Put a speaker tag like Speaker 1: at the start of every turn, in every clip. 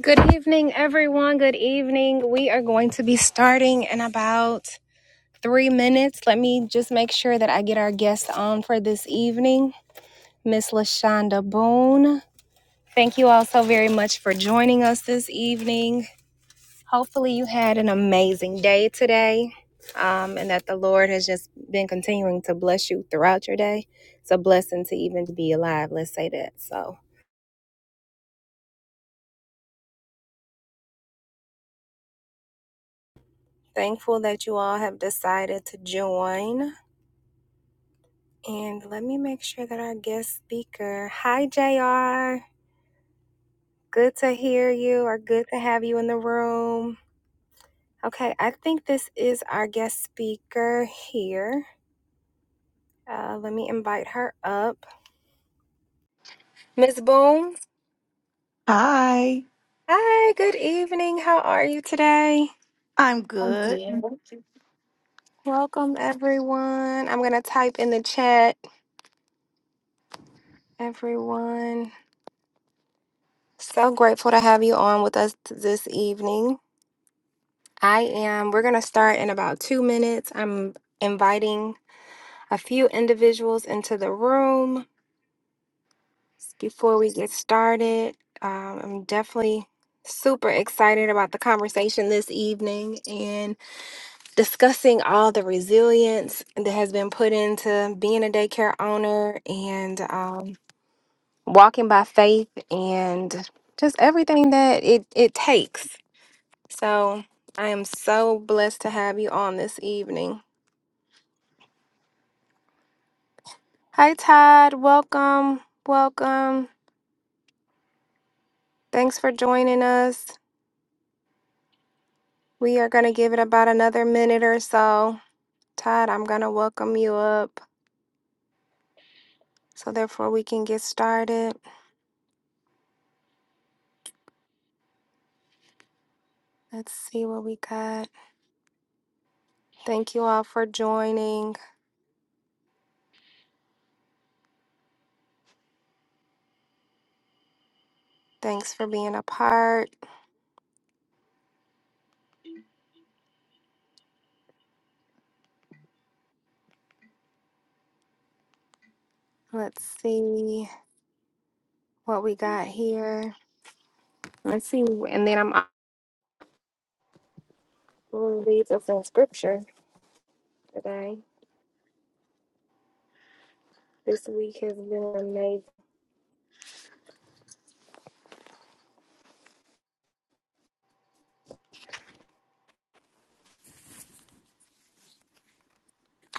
Speaker 1: Good evening, everyone. Good evening. We are going to be starting in about three minutes. Let me just make sure that I get our guest on for this evening, Miss Lashonda Boone. Thank you all so very much for joining us this evening. Hopefully, you had an amazing day today um, and that the Lord has just been continuing to bless you throughout your day. It's a blessing to even be alive, let's say that. So, thankful that you all have decided to join. And let me make sure that our guest speaker, hi JR, good to hear you or good to have you in the room. Okay, I think this is our guest speaker here. Uh, let me invite her up. Ms. Boone,
Speaker 2: Hi,
Speaker 1: hi, good evening. How are you today?
Speaker 2: I'm
Speaker 1: I'm
Speaker 2: good.
Speaker 1: good. Welcome, everyone. I'm going to type in the chat, everyone. So grateful to have you on with us this evening. I am. We're going to start in about two minutes. I'm inviting a few individuals into the room before we get started. Um, I'm definitely super excited about the conversation this evening and discussing all the resilience that has been put into being a daycare owner and um, walking by faith and just everything that it, it takes. So I am so blessed to have you on this evening. Hi, Todd. Welcome. Welcome. Thanks for joining us. We are going to give it about another minute or so. Todd, I'm going to welcome you up so therefore we can get started. Let's see what we got. Thank you all for joining. Thanks for being a part. Let's see what we got here. Let's see. And then I'm going to read us in scripture today. This week has been amazing.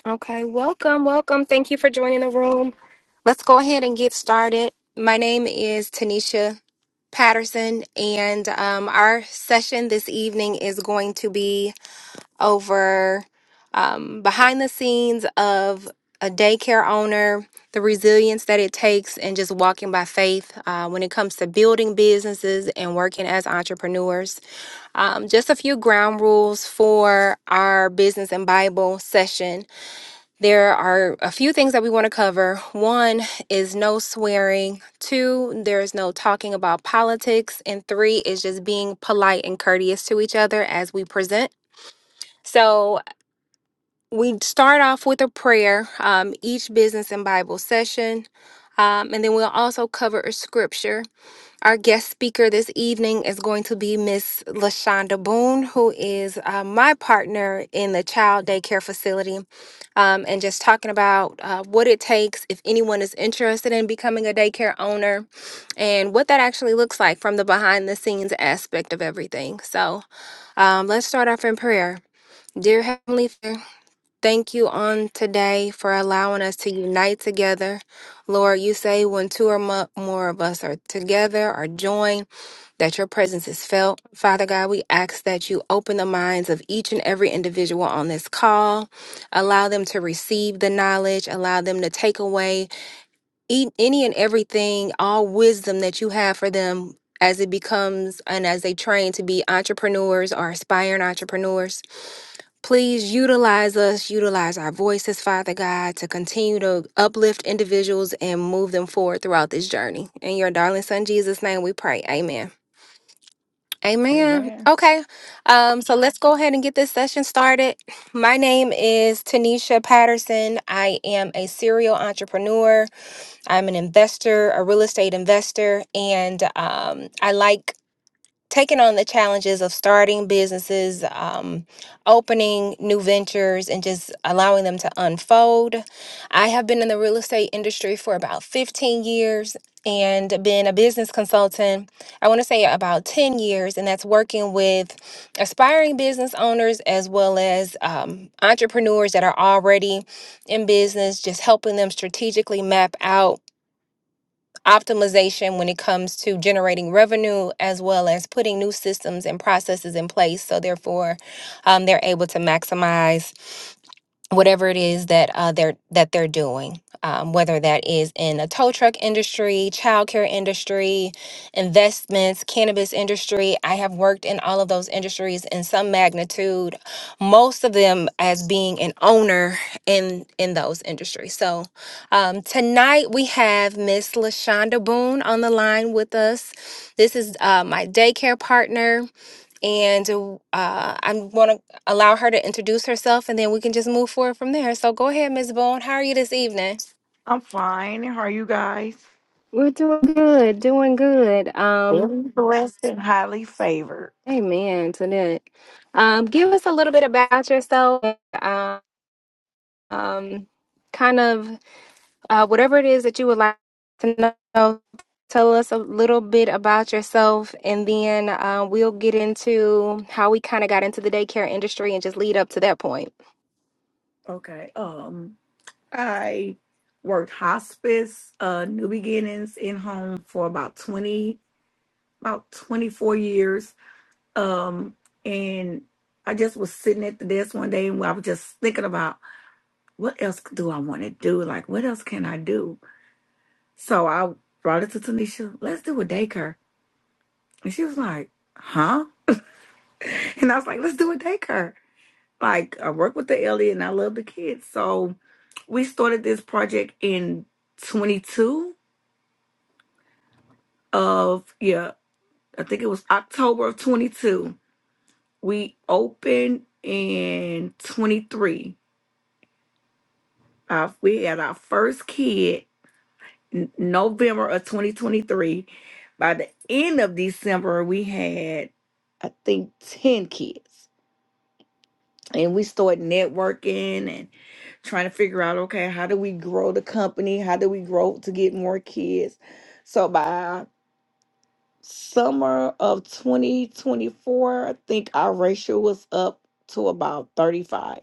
Speaker 1: Okay, welcome, welcome. Thank you for joining the room. Let's go ahead and get started. My name is Tanisha Patterson, and um, our session this evening is going to be over um, behind the scenes of a daycare owner, the resilience that it takes, and just walking by faith uh, when it comes to building businesses and working as entrepreneurs. Um, just a few ground rules for our business and Bible session. There are a few things that we want to cover. One is no swearing. Two, there's no talking about politics. And three is just being polite and courteous to each other as we present. So we start off with a prayer, um, each business and Bible session. Um, and then we'll also cover a scripture our guest speaker this evening is going to be Miss LaShonda Boone, who is uh, my partner in the child daycare facility, um, and just talking about uh, what it takes if anyone is interested in becoming a daycare owner and what that actually looks like from the behind the scenes aspect of everything. So um, let's start off in prayer. Dear Heavenly Father, Thank you on today for allowing us to unite together. Lord, you say when two or mo- more of us are together or joined, that your presence is felt. Father God, we ask that you open the minds of each and every individual on this call. Allow them to receive the knowledge, allow them to take away e- any and everything, all wisdom that you have for them. As it becomes and as they train to be entrepreneurs or aspiring entrepreneurs. Please utilize us, utilize our voices, Father God, to continue to uplift individuals and move them forward throughout this journey. In your darling son Jesus' name we pray. Amen. Amen. Okay. Um, so let's go ahead and get this session started. My name is Tanisha Patterson. I am a serial entrepreneur. I'm an investor, a real estate investor, and um, I like taking on the challenges of starting businesses, um, opening new ventures, and just allowing them to unfold. I have been in the real estate industry for about 15 years and been a business consultant, I want to say about 10 years, and that's working with aspiring business owners as well as um, entrepreneurs that are already in business, just helping them strategically map out optimization when it comes to generating revenue as well as putting new systems and processes in place so therefore um, they're able to maximize whatever it is that uh, they're that they're doing, um, whether that is in a tow truck industry, childcare industry, investments, cannabis industry. I have worked in all of those industries in some magnitude, most of them as being an owner in in those industries. So um, tonight we have Miss Lashonda Boone on the line with us. This is uh, my daycare partner and uh, I want to allow her to introduce herself, and then we can just move forward from there. So go ahead, Ms. Boone. How are you this evening?
Speaker 2: I'm fine. How are you guys?
Speaker 1: We're doing good, doing good. Um,
Speaker 2: Very blessed and highly favored.
Speaker 1: amen to that. Um, give us a little bit about yourself. Um, um, kind of. Uh, whatever it is that you would like to know, tell us a little bit about yourself, and then uh, we'll get into how we kind of got into the daycare industry and just lead up to that point.
Speaker 2: Okay. Um, I worked hospice, uh, New Beginnings in home for about twenty, about twenty four years. Um, and I just was sitting at the desk one day, and I was just thinking about what else do I want to do? Like, what else can I do? So I brought it to Tanisha. Let's do a daycare, and she was like, "Huh?" And I was like, let's do a daycare. Like, I work with the elderly and I love the kids. So we started this project in 22 of, yeah, I think it was October of 22. We opened in 23. Uh, we had our first kid n- November of 2023. By the end of December, we had, I think, 10 kids. and we start networking and trying to figure out okay how do we grow the company how do we grow to get more kids so by summer of 2024 i think our ratio was up to about 35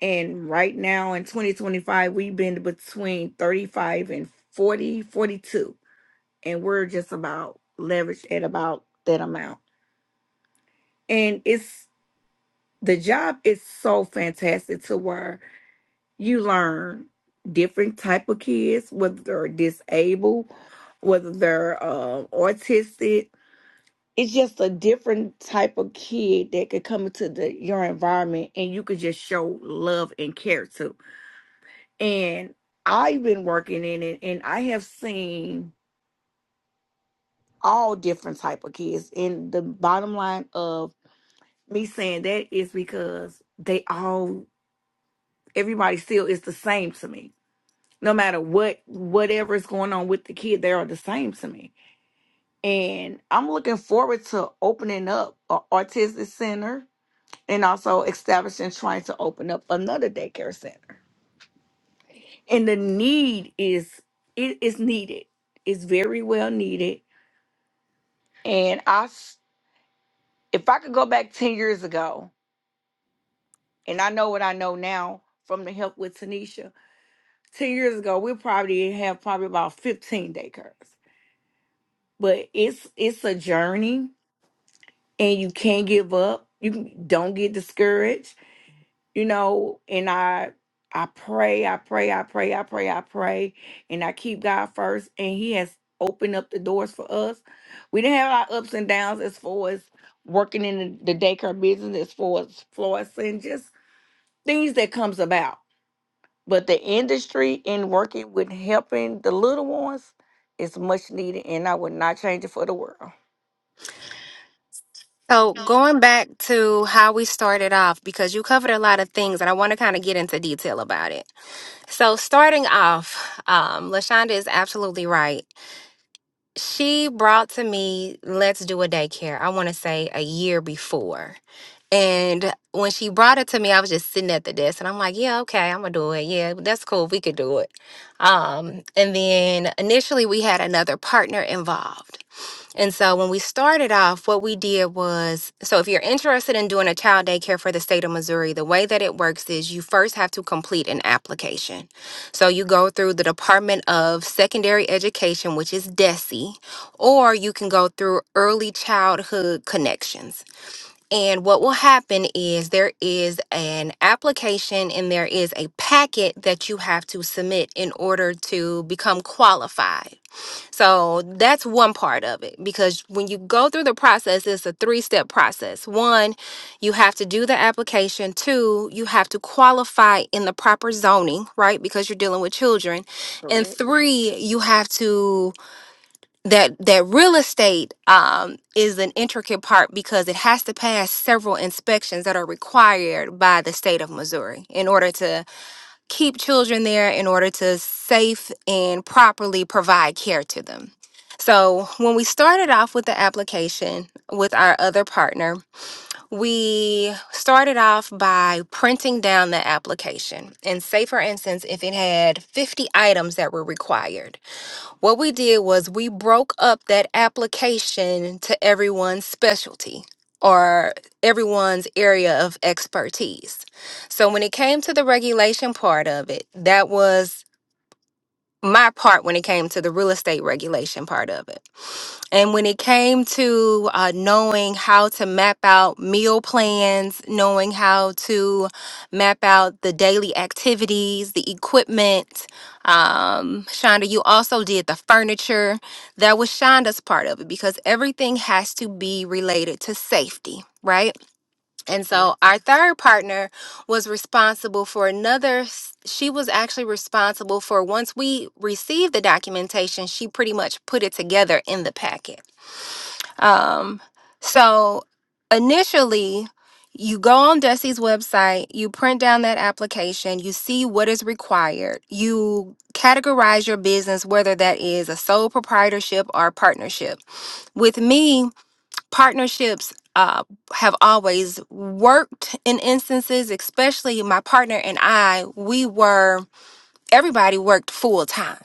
Speaker 2: and right now in 2025 we've been between 35 and 40 42 and we're just about leveraged at about that amount and it's the job is so fantastic to work you learn different type of kids whether they're disabled whether they're uh, autistic it's just a different type of kid that could come into the your environment and you could just show love and care to and i've been working in it and i have seen all different type of kids and the bottom line of me saying that is because they all everybody still is the same to me no matter what whatever is going on with the kid they are the same to me and i'm looking forward to opening up an autistic center and also establishing trying to open up another daycare center and the need is it is needed it's very well needed and i s- if i could go back 10 years ago and i know what i know now from the help with tanisha 10 years ago we probably have probably about 15 daycares but it's it's a journey and you can't give up. You can- don't get discouraged, you know. And I, I pray, I pray, I pray, I pray, I pray, and I keep God first. And He has opened up the doors for us. We didn't have our ups and downs as far as working in the, the daycare business, as far as florists and just things that comes about. But the industry in working with helping the little ones is much needed, and I would not change it for the world.
Speaker 1: So, going back to how we started off, because you covered a lot of things and I want to kind of get into detail about it. So, starting off, um, LaShonda is absolutely right. she brought to me let's do a daycare i want to say a year before and when she brought it to me i was just sitting at the desk and i'm like yeah okay i'm gonna do it yeah that's cool we could do it um and then initially we had another partner involved and so when we started off, what we did was so if you're interested in doing a child daycare for the state of Missouri, the way that it works is you first have to complete an application. So you go through the Department of Secondary Education, which is DESE, or you can go through Early Childhood Connections. And what will happen is there is an application and there is a packet that you have to submit in order to become qualified. So that's one part of it because when you go through the process, it's a three step process. One, you have to do the application. Two, you have to qualify in the proper zoning, right? Because you're dealing with children. And
Speaker 2: Correct.
Speaker 1: three, you have to that that real estate um, is an intricate part because it has to pass several inspections that are required by the state of Missouri in order to keep children there in order to safe and properly provide care to them. So, when we started off with the application with our other partner, we started off by printing down the application. And say, for instance, if it had 50 items that were required, what we did was we broke up that application to everyone's specialty or everyone's area of expertise. So when it came to the regulation part of it, that was my part when it came to the real estate regulation part of it. And when it came to uh, knowing how to map out meal plans, knowing how to map out the daily activities, the equipment, um, Shonda, you also did the furniture. That was Shonda's part of it because everything has to be related to safety, right? And so our third partner was responsible for another, s- she was actually responsible for once we received the documentation, she pretty much put it together in the packet. Um, so initially, you go on Dusty's website, you print down that application, you see what is required, you categorize your business, whether that is a sole proprietorship or partnership. With me, partnerships uh, have always worked in instances, especially my partner and I, we were, everybody worked full time.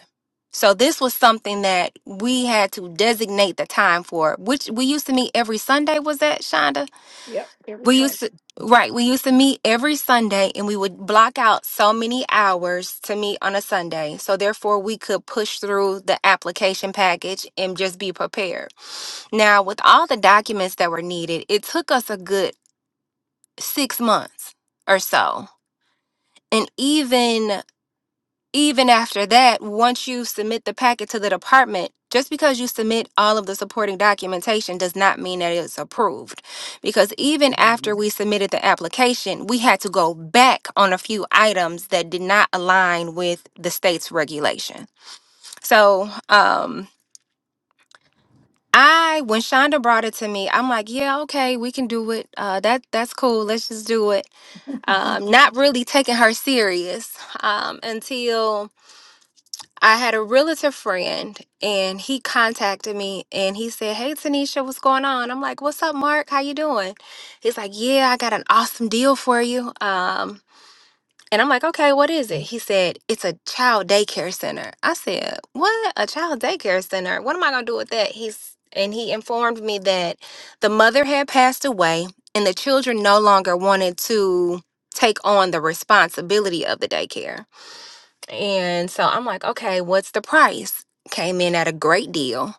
Speaker 1: So this was something that we had to designate the time for, which we used to meet every Sunday, was that Shonda?
Speaker 2: Yep, every
Speaker 1: We
Speaker 2: Sunday.
Speaker 1: used to, right, we used to meet every Sunday and we would block out so many hours to meet on a Sunday. So therefore we could push through the application package and just be prepared. Now, with all the documents that were needed, it took us a good six months or so. And even even after that, once you submit the packet to the department, just because you submit all of the supporting documentation does not mean that it's approved. Because even after
Speaker 2: Mhm.
Speaker 1: we submitted the application, we had to go back on a few items that did not align with the state's regulation. So, um, I when Shonda brought it to me, I'm like, yeah, okay, we can do it. Uh, that that's cool. Let's just do it. Um, not really taking her serious um, until I had a realtor friend and he contacted me and he said, "Hey, Tanisha, what's going on?" I'm like, "What's up, Mark? How you doing?" He's like, "Yeah, I got an awesome deal for you. Um, and I'm like, okay, what is it? He said, it's a child daycare center. I said, what? A child daycare center? What am I going to do with that? He's, and he informed me that the mother had passed away and the children no longer wanted to take on the responsibility of the daycare. And so I'm like, okay, what's the price? Came in at a great deal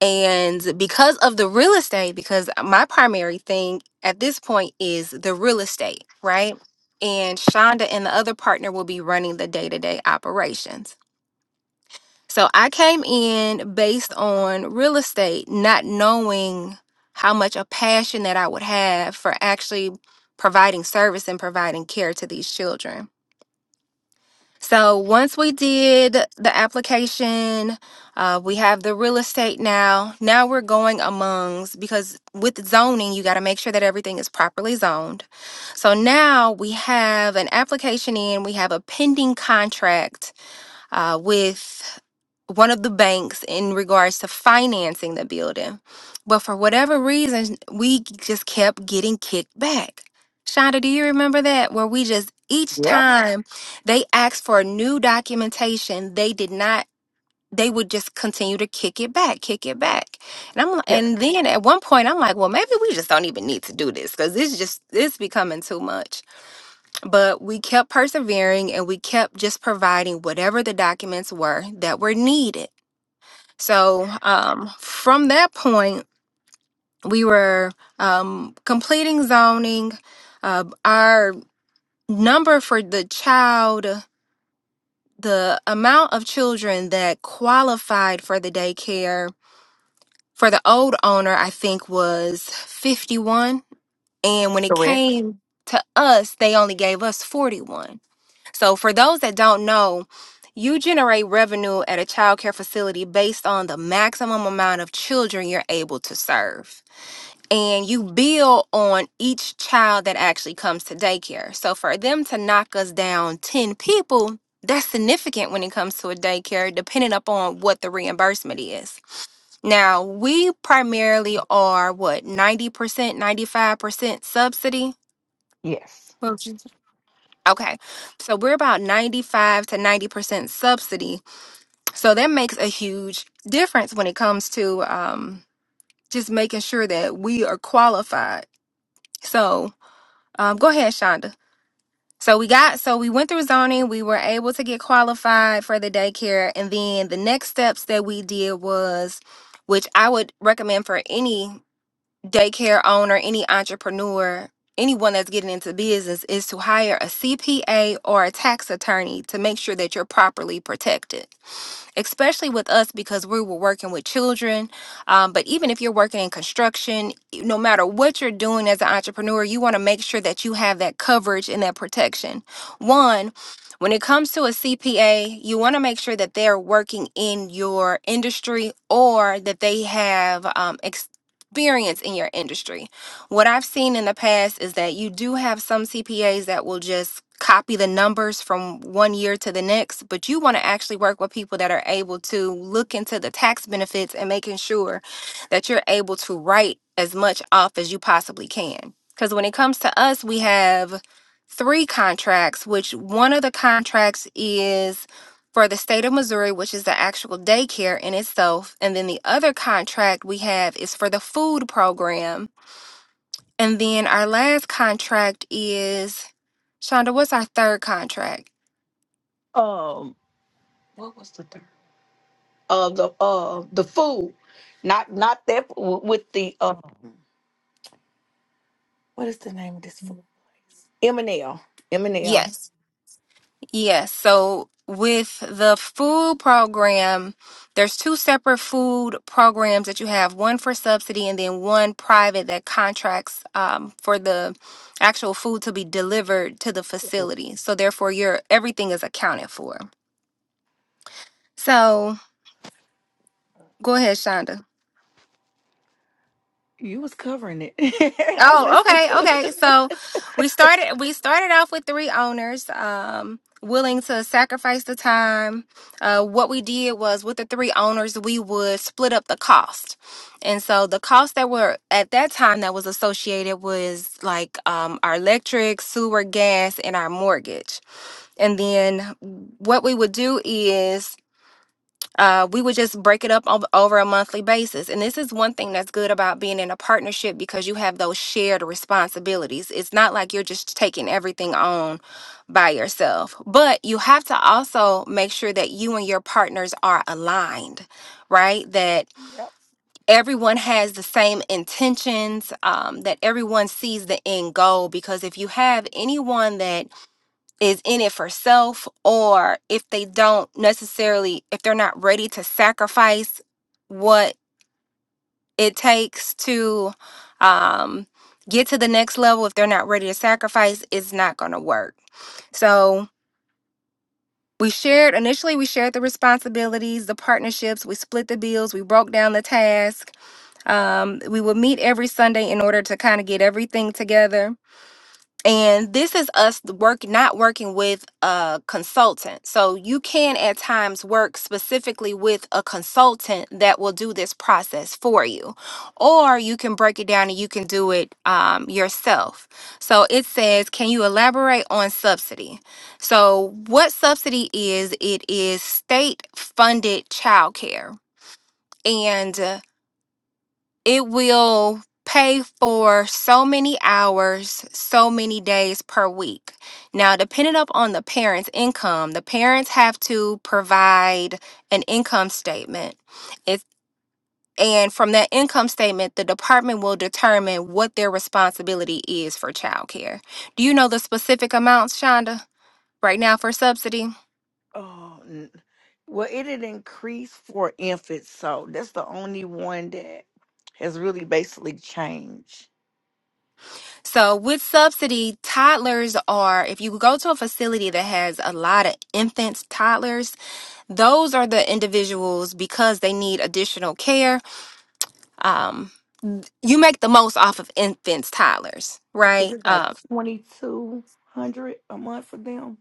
Speaker 1: and because of the real estate, because my primary thing at this point is the real estate, right? And Shonda and the other partner will be running the day to day operations. So I came in based on real estate, not knowing how much a passion that I would have for actually providing service and providing care to these children. So once we did the application, uh, we have the real estate now. Now we're going amongst because with zoning, you got to make sure that everything is properly zoned. So now we have an application in, we have a pending contract uh, with one of the banks in regards to financing the building. But for whatever reason, we just kept getting kicked back. Shonda, do you remember that? Where we just each
Speaker 2: Yep,
Speaker 1: time they asked for new documentation, they did not. They would just continue to kick it back, kick it back, and I'm li-
Speaker 2: yep,
Speaker 1: and then at one point I'm like, well, maybe we just don't even need to do this because this just it's becoming too much. But we kept persevering and we kept just providing whatever the documents were that were needed. So um, from that point, we were um, completing zoning. Uh, our number for the child, the amount of children that qualified for the daycare for the old owner, I think was 51. And when it
Speaker 2: correct.
Speaker 1: came to us, they only gave us 41. So for those that don't know, you generate revenue at a child care facility based on the maximum amount of children you're able to serve. and you build on each child that actually comes to daycare. So for them to knock us down 10 people, that's significant when it comes to a daycare, depending upon what the reimbursement is. Now, we primarily are what 90%, 95% subsidy.
Speaker 2: Yes.
Speaker 1: Well, she's- Okay, so we're about 95 to 90% subsidy. So that makes a huge difference when it comes to um, just making sure that we are qualified. So Um, go ahead, Shonda. So we got so we went through zoning. We were able to get qualified for the daycare, and then the next steps that we did was, which I would recommend for any daycare owner, any entrepreneur, anyone that's getting into business, is to hire a CPA or a tax attorney to make sure that you're properly protected especially with us because we were working with children. Um, but even if you're working in construction, no matter what you're doing as an entrepreneur, you want to make sure that you have that coverage and that protection. One, when it comes to a CPA, you want to make sure that they're working in your industry or that they have um, experience in your industry. What I've seen in the past is that you do have some CPAs that will just copy the numbers from one year to the next, but you want to actually work with people that are able to look into the tax benefits and making sure that you're able to write as much off as you possibly can. Because when it comes to us, we have three contracts, which one of the contracts is for the state of Missouri, which is the actual daycare in itself. And then the other contract we have is for the food program and then our last contract is Shonda, what's our third contract?
Speaker 2: Um, what was the third? Uh, the uh the food, not not that w- with the uh what is the name of this food? M and L. M and L.
Speaker 1: Yes. Yes. So with the food program, there's two separate food programs that you have, one for subsidy and then one private that contracts um, for the actual food to be delivered to the facility. So therefore your everything is accounted for. So go ahead, Shonda.
Speaker 2: You was covering it. I'm
Speaker 1: Oh,
Speaker 2: listening
Speaker 1: okay,
Speaker 2: to
Speaker 1: okay. So
Speaker 2: it.
Speaker 1: we started we started off with three owners um willing to sacrifice the time. Uh what we did was with the three owners we would split up the cost. And so the cost that were at that time that was associated was like um our electric, sewer, gas, and our mortgage. And then what we would do is uh, we would just break it up ov- over a monthly basis. And this is one thing that's good about being in a partnership because you have those shared responsibilities. It's not like you're just taking everything on by yourself, but you have to also make sure that you and your partners are aligned, right? That
Speaker 2: yep.
Speaker 1: everyone has the same intentions, um, that everyone sees the end goal. Because if you have anyone that is in it for self or if they don't necessarily if they're not ready to sacrifice what it takes to um get to the next level if they're not ready to sacrifice it's not going to work so we shared initially we shared the responsibilities the partnerships we split the bills we broke down the task um, we would meet every sunday in order to kind of get everything together and this is us work not working with a consultant so you can at times work specifically with a consultant that will do this process for you or you can break it down and you can do it um, yourself so it says can you elaborate on subsidy so what subsidy is it is state funded childcare and uh, it will pay for so many hours, so many days per week. Now, depending upon the parents' income, the parents have to provide an income statement. It's and from that income statement, the department will determine what their responsibility is for childcare. Do you know the specific amounts, Shonda, right now for subsidy?
Speaker 2: Oh, n- well, it had increased for infants, so that's the only one that has really basically changed.
Speaker 1: So, with subsidy, toddlers are, if you go to a facility that has a lot of infants, toddlers, those are the individuals because they need additional care. Um, you make the most off of infants, toddlers,
Speaker 2: I think
Speaker 1: right?
Speaker 2: it's like
Speaker 1: Um,
Speaker 2: twenty two hundred a month for them.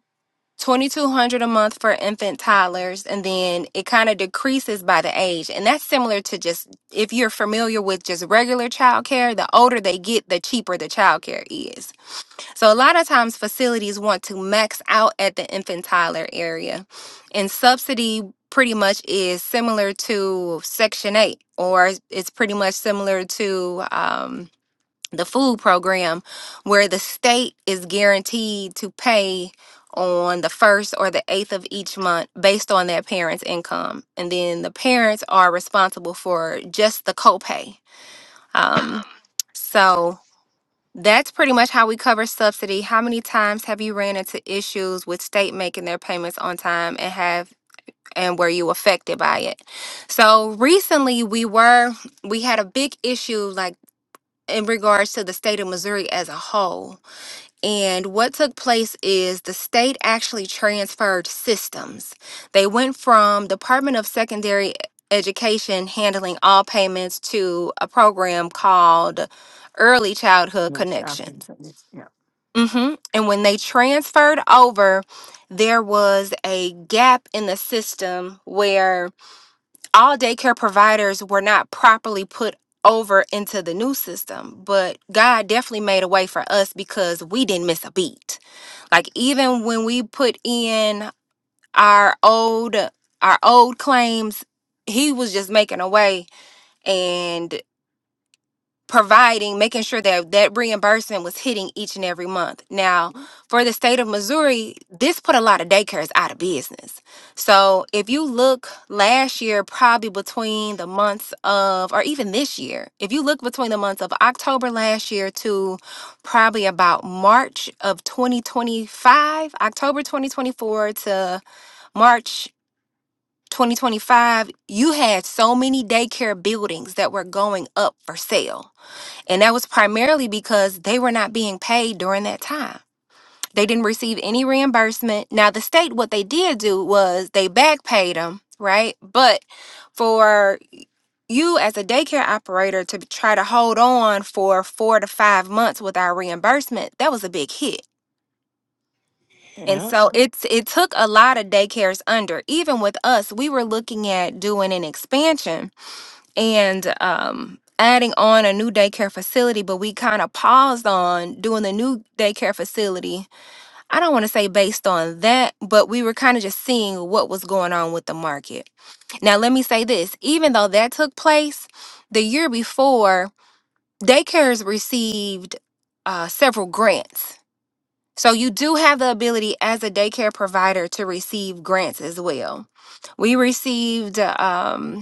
Speaker 1: 2200 a month for infant toddlers and then it kind of decreases by the age and that's similar to just if you're familiar with just regular childcare the older they get the cheaper the childcare is So a lot of times facilities want to max out at the infant toddler area. And subsidy pretty much is similar to Section 8 or it's pretty much similar to um, the food program where the state is guaranteed to pay on the first or the eighth of each month based on that parent's income. And then the parents are responsible for just the copay. Um, so that's pretty much how we cover subsidy. How many times have you ran into issues with state making their payments on time and have and were you affected by it? So recently we were we had a big issue like in regards to the state of Missouri as a whole. And what took place is the state actually transferred systems. They went from Department of Secondary Education handling all payments to a program called Early Childhood Connections
Speaker 2: Yeah.
Speaker 1: hmm And when they transferred over, there was a gap in the system where all daycare providers were not properly put over into the new system. But God definitely made a way for us because we didn't miss a beat. Like even when we put in our old our old claims, he was just making a way and providing, making sure that that reimbursement was hitting each and every month. Now, for the state of Missouri, this put a lot of daycares out of business. So, if you look last year, probably between the months of, or even this year, if you look between the months of October last year to probably about March of 2025, October 2024 to March 2025, you had so many daycare buildings that were going up for sale and that was primarily because they were not being paid during that time. They didn't receive any reimbursement. Now, the state, what they did do was they back paid them, right? But for you as a daycare operator to try to hold on for four to five months without reimbursement, that was a big hit. And
Speaker 2: Yeah.
Speaker 1: so Mhm. it's it took a lot of daycares under. Even with us, we were looking at doing an expansion and um, adding on a new daycare facility, but we kind of paused on doing the new daycare facility. I don't want to say based on that, but we were kind of just seeing what was going on with the market. Now, let me say this even though that took place the year before, daycares received uh, several grants. So, you do have the ability as a daycare provider to receive grants as well. We received um,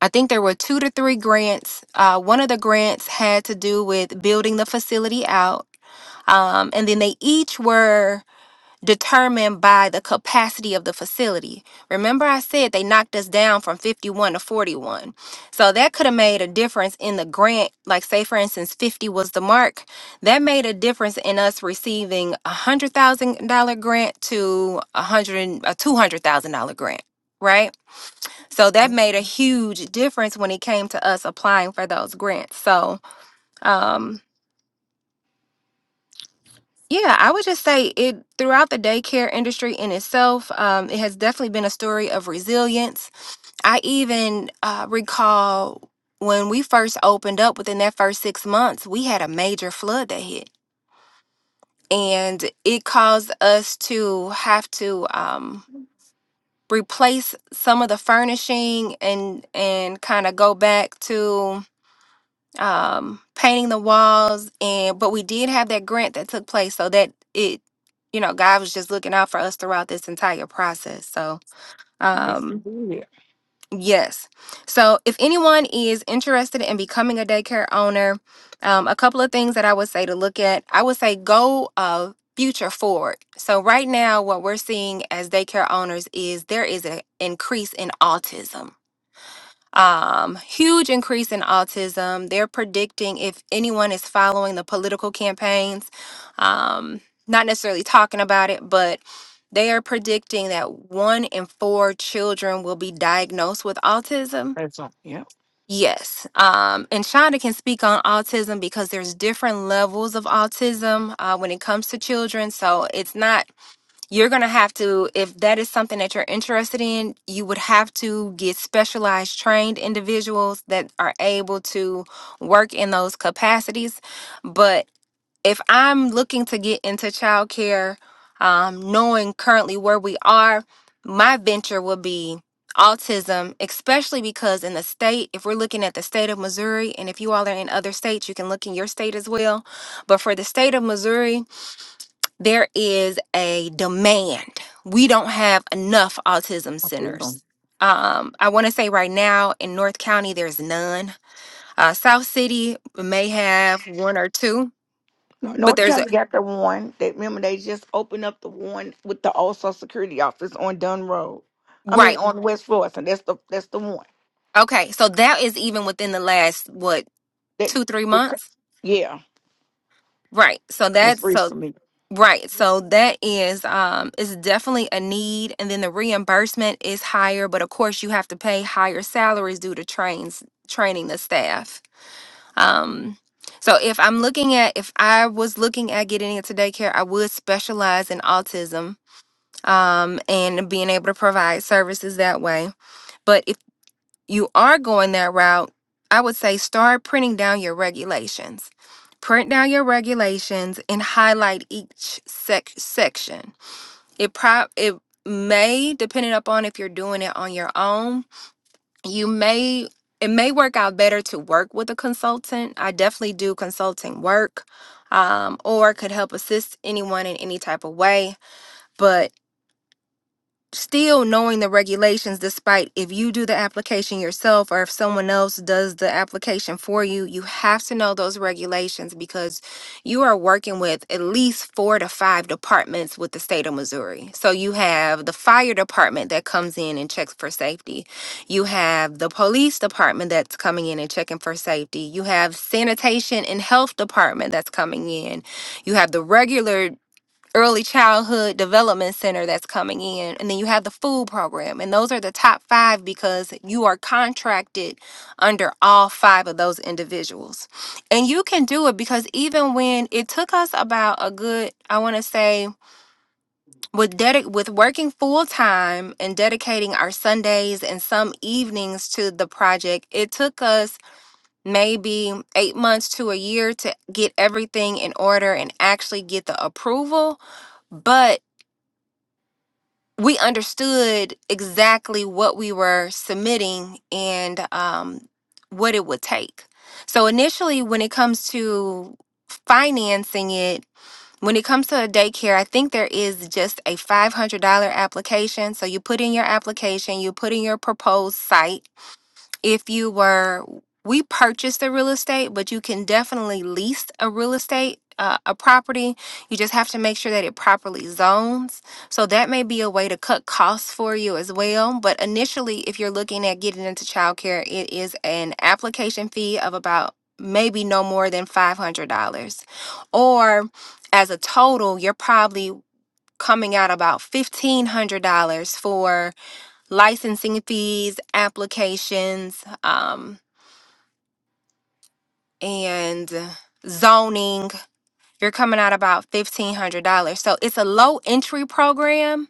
Speaker 1: I think there were two to three grants. Uh, one of the grants had to do with building the facility out. Um, and then they each were determined by the capacity of the facility. Remember, I said they knocked us down from 51 to 41. So that could have made a difference in the grant. Like, say, for instance, 50 was the mark. That made a difference in us receiving a $100,000 grant to a, hundred, a $200,000 grant, right? So that made a huge difference when it came to us applying for those grants. So, um, yeah, I would just say it throughout the daycare industry in itself, um, it has definitely been a story of resilience. I even uh, recall when we first opened up within that first six months, we had a major flood that hit, and it caused us to have to um, replace some of the furnishing and and kind of go back to um, painting the walls, and but we did have that grant that took place, so that it, you know, God was just looking out for us throughout this entire process. So,
Speaker 2: Yes,
Speaker 1: um,
Speaker 2: indeed.
Speaker 1: yes. So, if anyone is interested in becoming a daycare owner, um, a couple of things that I would say to look at, I would say go uh, future forward. So, right now, what we're seeing as daycare owners is there is an increase in autism um, huge increase in autism. They're predicting if anyone is following the political campaigns, um, not necessarily talking about it, but they are predicting that one in four children will be diagnosed with autism.
Speaker 2: That's all. Yep.
Speaker 1: Yes. Um, and Shonda can speak on autism because there's different levels of autism uh, when it comes to children. So it's not you're going to have to if that is something that you're interested in you would have to get specialized trained individuals that are able to work in those capacities but if i'm looking to get into childcare um, knowing currently where we are my venture would be autism especially because in the state if we're looking at the state of missouri and if you all are in other states you can look in your state as well but for the state of missouri there is a demand. We don't have enough autism
Speaker 2: I feel them.
Speaker 1: centers. Um, I want to say right now in North County, there's none. Uh, South City may have one or two,
Speaker 2: No-
Speaker 1: but
Speaker 2: North
Speaker 1: there's a
Speaker 2: County got the one. They remember they just opened up the one with the old Social Security office on Dunn Road. I mean
Speaker 1: right.
Speaker 2: on West Florissant. That's the that's the one
Speaker 1: Okay, so that is even within the last what
Speaker 2: that.
Speaker 1: two three months,
Speaker 2: Yeah,
Speaker 1: right? So
Speaker 2: just
Speaker 1: that's so
Speaker 2: recently.
Speaker 1: right. So that is um is definitely a need, and then the reimbursement is higher, but of course you have to pay higher salaries due to trains training the staff Um, so if I'm looking at, if I was looking at getting into daycare, I would specialize in autism um, and being able to provide services that way. But if you are going that route, I would say start printing down your regulations. Print down your regulations and highlight each sec- section. It prob it may, depending upon if you're doing it on your own, you may it may work out better to work with a consultant i definitely do consulting work um, or could help assist anyone in any type of way But still knowing the regulations despite if you do the application yourself or if someone else does the application for you you have to know those regulations because you are working with at least 4 to 5 departments with the state of Missouri so you have the fire department that comes in and checks for safety you have the police department that's coming in and checking for safety you have sanitation and health department that's coming in you have the regular early childhood development center that's coming in and then you have the food program and those are the top 5 because you are contracted under all 5 of those individuals. And you can do it because even when it took us about a good I want to say with dedic- with working full time and dedicating our Sundays and some evenings to the project, it took us maybe 8 months to a year to get everything in order and actually get the approval but we understood exactly what we were submitting and um, what it would take. So, initially, when it comes to financing it, when it comes to a daycare, I think there is just a $500 application. So, you put in your application, you put in your proposed site, if you were we purchased the real estate but you can definitely lease a real estate uh, a property you just have to make sure that it properly zones so that may be a way to cut costs for you as well but initially if you're looking at getting into childcare it is an application fee of about maybe no more than $500 or as a total you're probably coming out about $1500 for licensing fees, applications, um, and zoning. You're coming out about $1,500. So it's a low entry program,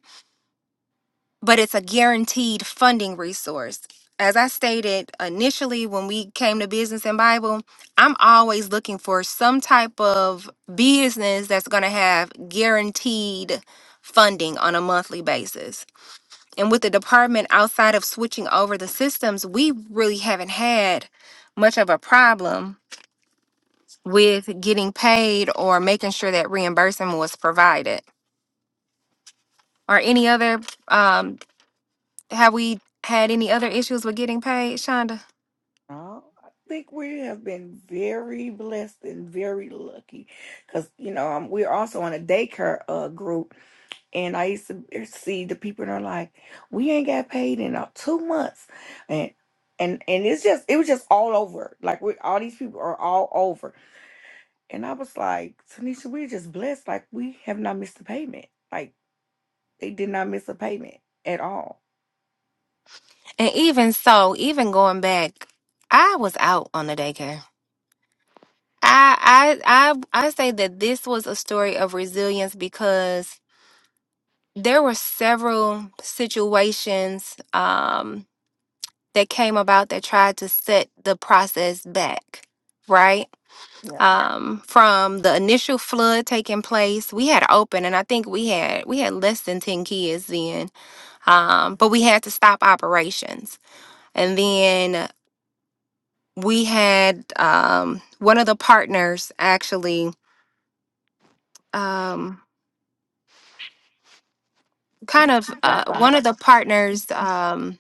Speaker 1: but it's a guaranteed funding resource. As I stated initially when we came to Business and Bible, I'm always looking for some type of business that's going to have guaranteed funding on a monthly basis. And with the department outside of switching over the systems, we really haven't had much of a problem with getting paid or making sure that reimbursement was provided. Or any other, um, have we had any other issues with getting paid, Shonda?
Speaker 2: Oh, I think we have been very blessed and very lucky because, you know, um, we're also on a daycare uh, group. And I used to er, see the people and are like, we ain't got paid in uh, two months. And, and, and it's just, it was just all over. Like, we, all these people are all over. And I was like, Tanisha, we're just blessed. Like, we have not missed a payment. Like, they did not miss a payment at all.
Speaker 1: And even so, even going back, I was out on the daycare. I I I I say that this was a story of resilience because there were several situations. Um, that came about that tried to set the process back, right?
Speaker 2: Yeah.
Speaker 1: Um, from the initial flood taking place, we had open, and I think we had we had less than ten kids then, um, but we had to stop operations, and then we had um, one of the partners actually um, kind of uh,
Speaker 2: Dropped
Speaker 1: one
Speaker 2: out.
Speaker 1: of the partners. Um,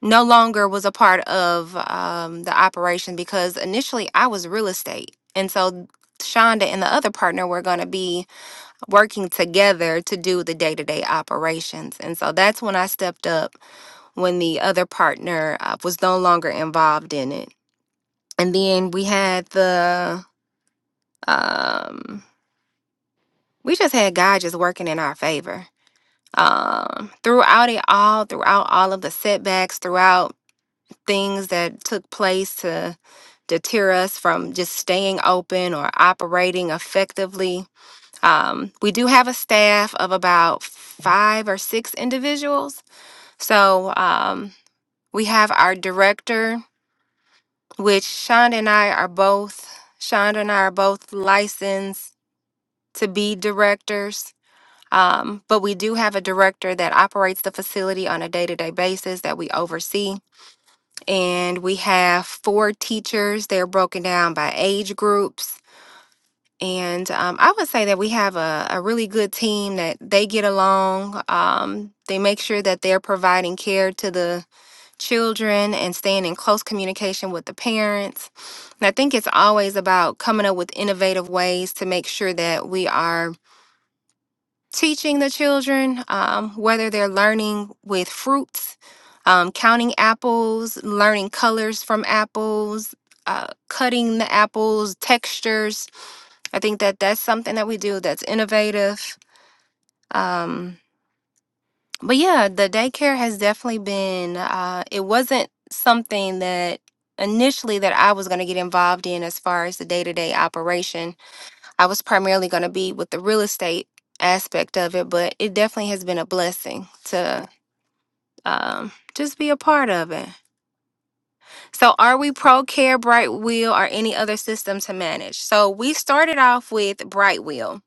Speaker 1: no longer was a part of um, the operation because initially I was real estate. And so Shonda and the other partner were going to be working together to do the day to day operations. And so that's when I stepped up when the other partner uh, was no longer involved in it. And then we had the, um, we just had God just working in our favor. Um, throughout it all, throughout all of the setbacks, throughout things that took place to deter us from just staying open or operating effectively. Um, we do have a staff of about five or six individuals. So um, we have our director, which Shonda and I are both, Shonda and I are both licensed to be directors. Um, but we do have a director that operates the facility on a day to day basis that we oversee. and we have four teachers. They're broken down by age groups. And um, I would say that we have a, a really good team that they get along. Um, they make sure that they're providing care to the children and staying in close communication with the parents. And I think it's always about coming up with innovative ways to make sure that we are teaching the children, um, whether they're learning with fruits, um, counting apples, learning colors from apples, uh, cutting the apples, textures. I think that that's something that we do that's innovative. Um, but yeah, the daycare has definitely been, uh, it wasn't something that initially that I was going to get involved in as far as the day-to-day operation I was primarily going to be with the real estate aspect of it, but it definitely has been a blessing to um, just be a part of it. So, are we pro care, Bright Wheel, or any other system to manage? So, we started off with Bright Wheel.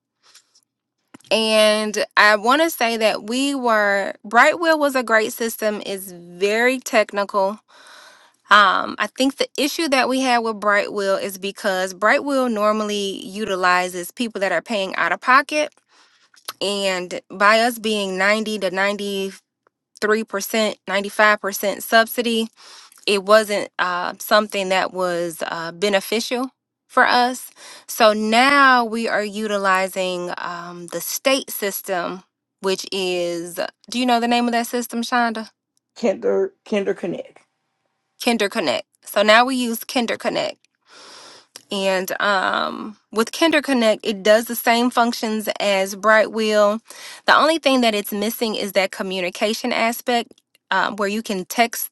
Speaker 1: And I want to say that we were, Bright Wheel was a great system, it's very technical. Um, I think the issue that we had with Bright Wheel is because Bright Wheel normally utilizes people that are paying out of pocket And by us being 90 to 93%, 95% subsidy, it wasn't uh, something that was uh, beneficial for us. So now we are utilizing um, the state system, which is, do you know the name of that system, Shonda?
Speaker 2: Kinder, Kinder Connect.
Speaker 1: Kinder Connect. So now we use Kinder Connect And um, with Kinder Connect, it does the same functions as Brightwheel. The only thing that it's missing is that communication aspect um, where you can text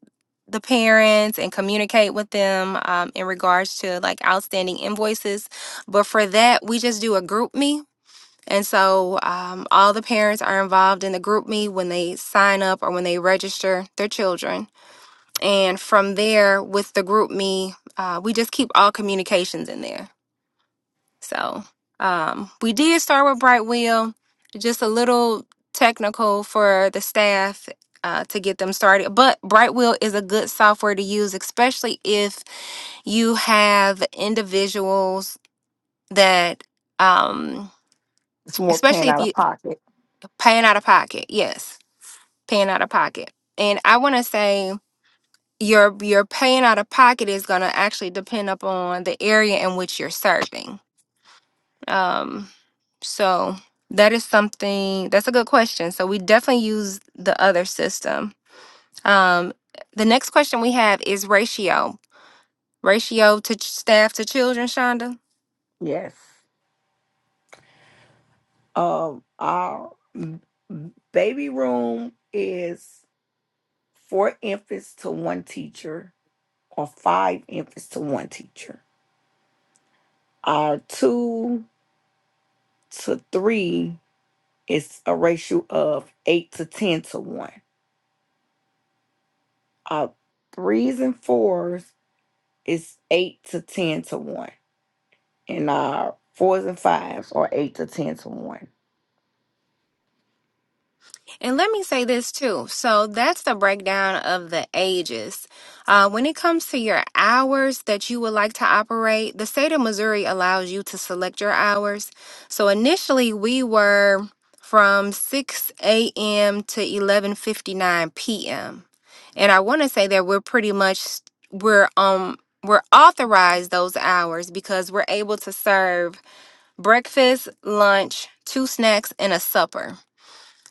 Speaker 1: the parents and communicate with them um, in regards to like outstanding invoices. But for that, we just do a group me. And so um, all the parents are involved in the group me when they sign up or when they register their children. And from there, with the group me, uh, we just keep all communications in there. So um, we did start with Brightwheel, just a little technical for the staff uh, to get them started. But Brightwheel is a good software to use, especially if you have individuals that, um,
Speaker 2: It's more paying
Speaker 1: especially if
Speaker 2: out of
Speaker 1: you
Speaker 2: pocket.
Speaker 1: paying out of pocket. Yes, paying out of pocket. And I want to say your your paying out of pocket is going to actually depend upon the area in which you're serving. Um, so that is something that's a good question. So we definitely use the other system. Um, the next question we have is ratio, ratio to ch- staff to children, Shonda.
Speaker 2: Yes. Um, our m- m- baby room is four infants to one teacher or five infants to one teacher. Our two to three is a ratio of eight to 10 to one. Our threes and fours is eight to 10 to one. And our fours and fives are eight to 10 to one.
Speaker 1: And let me say this too. So that's the breakdown of the ages. Uh, when it comes to your hours that you would like to operate, the state of Missouri allows you to select your hours. So initially, we were from 6 a.m. to 11:59 p.m. And I want to say that we're pretty much we're um we're authorized those hours because we're able to serve breakfast, lunch, two snacks, and a supper.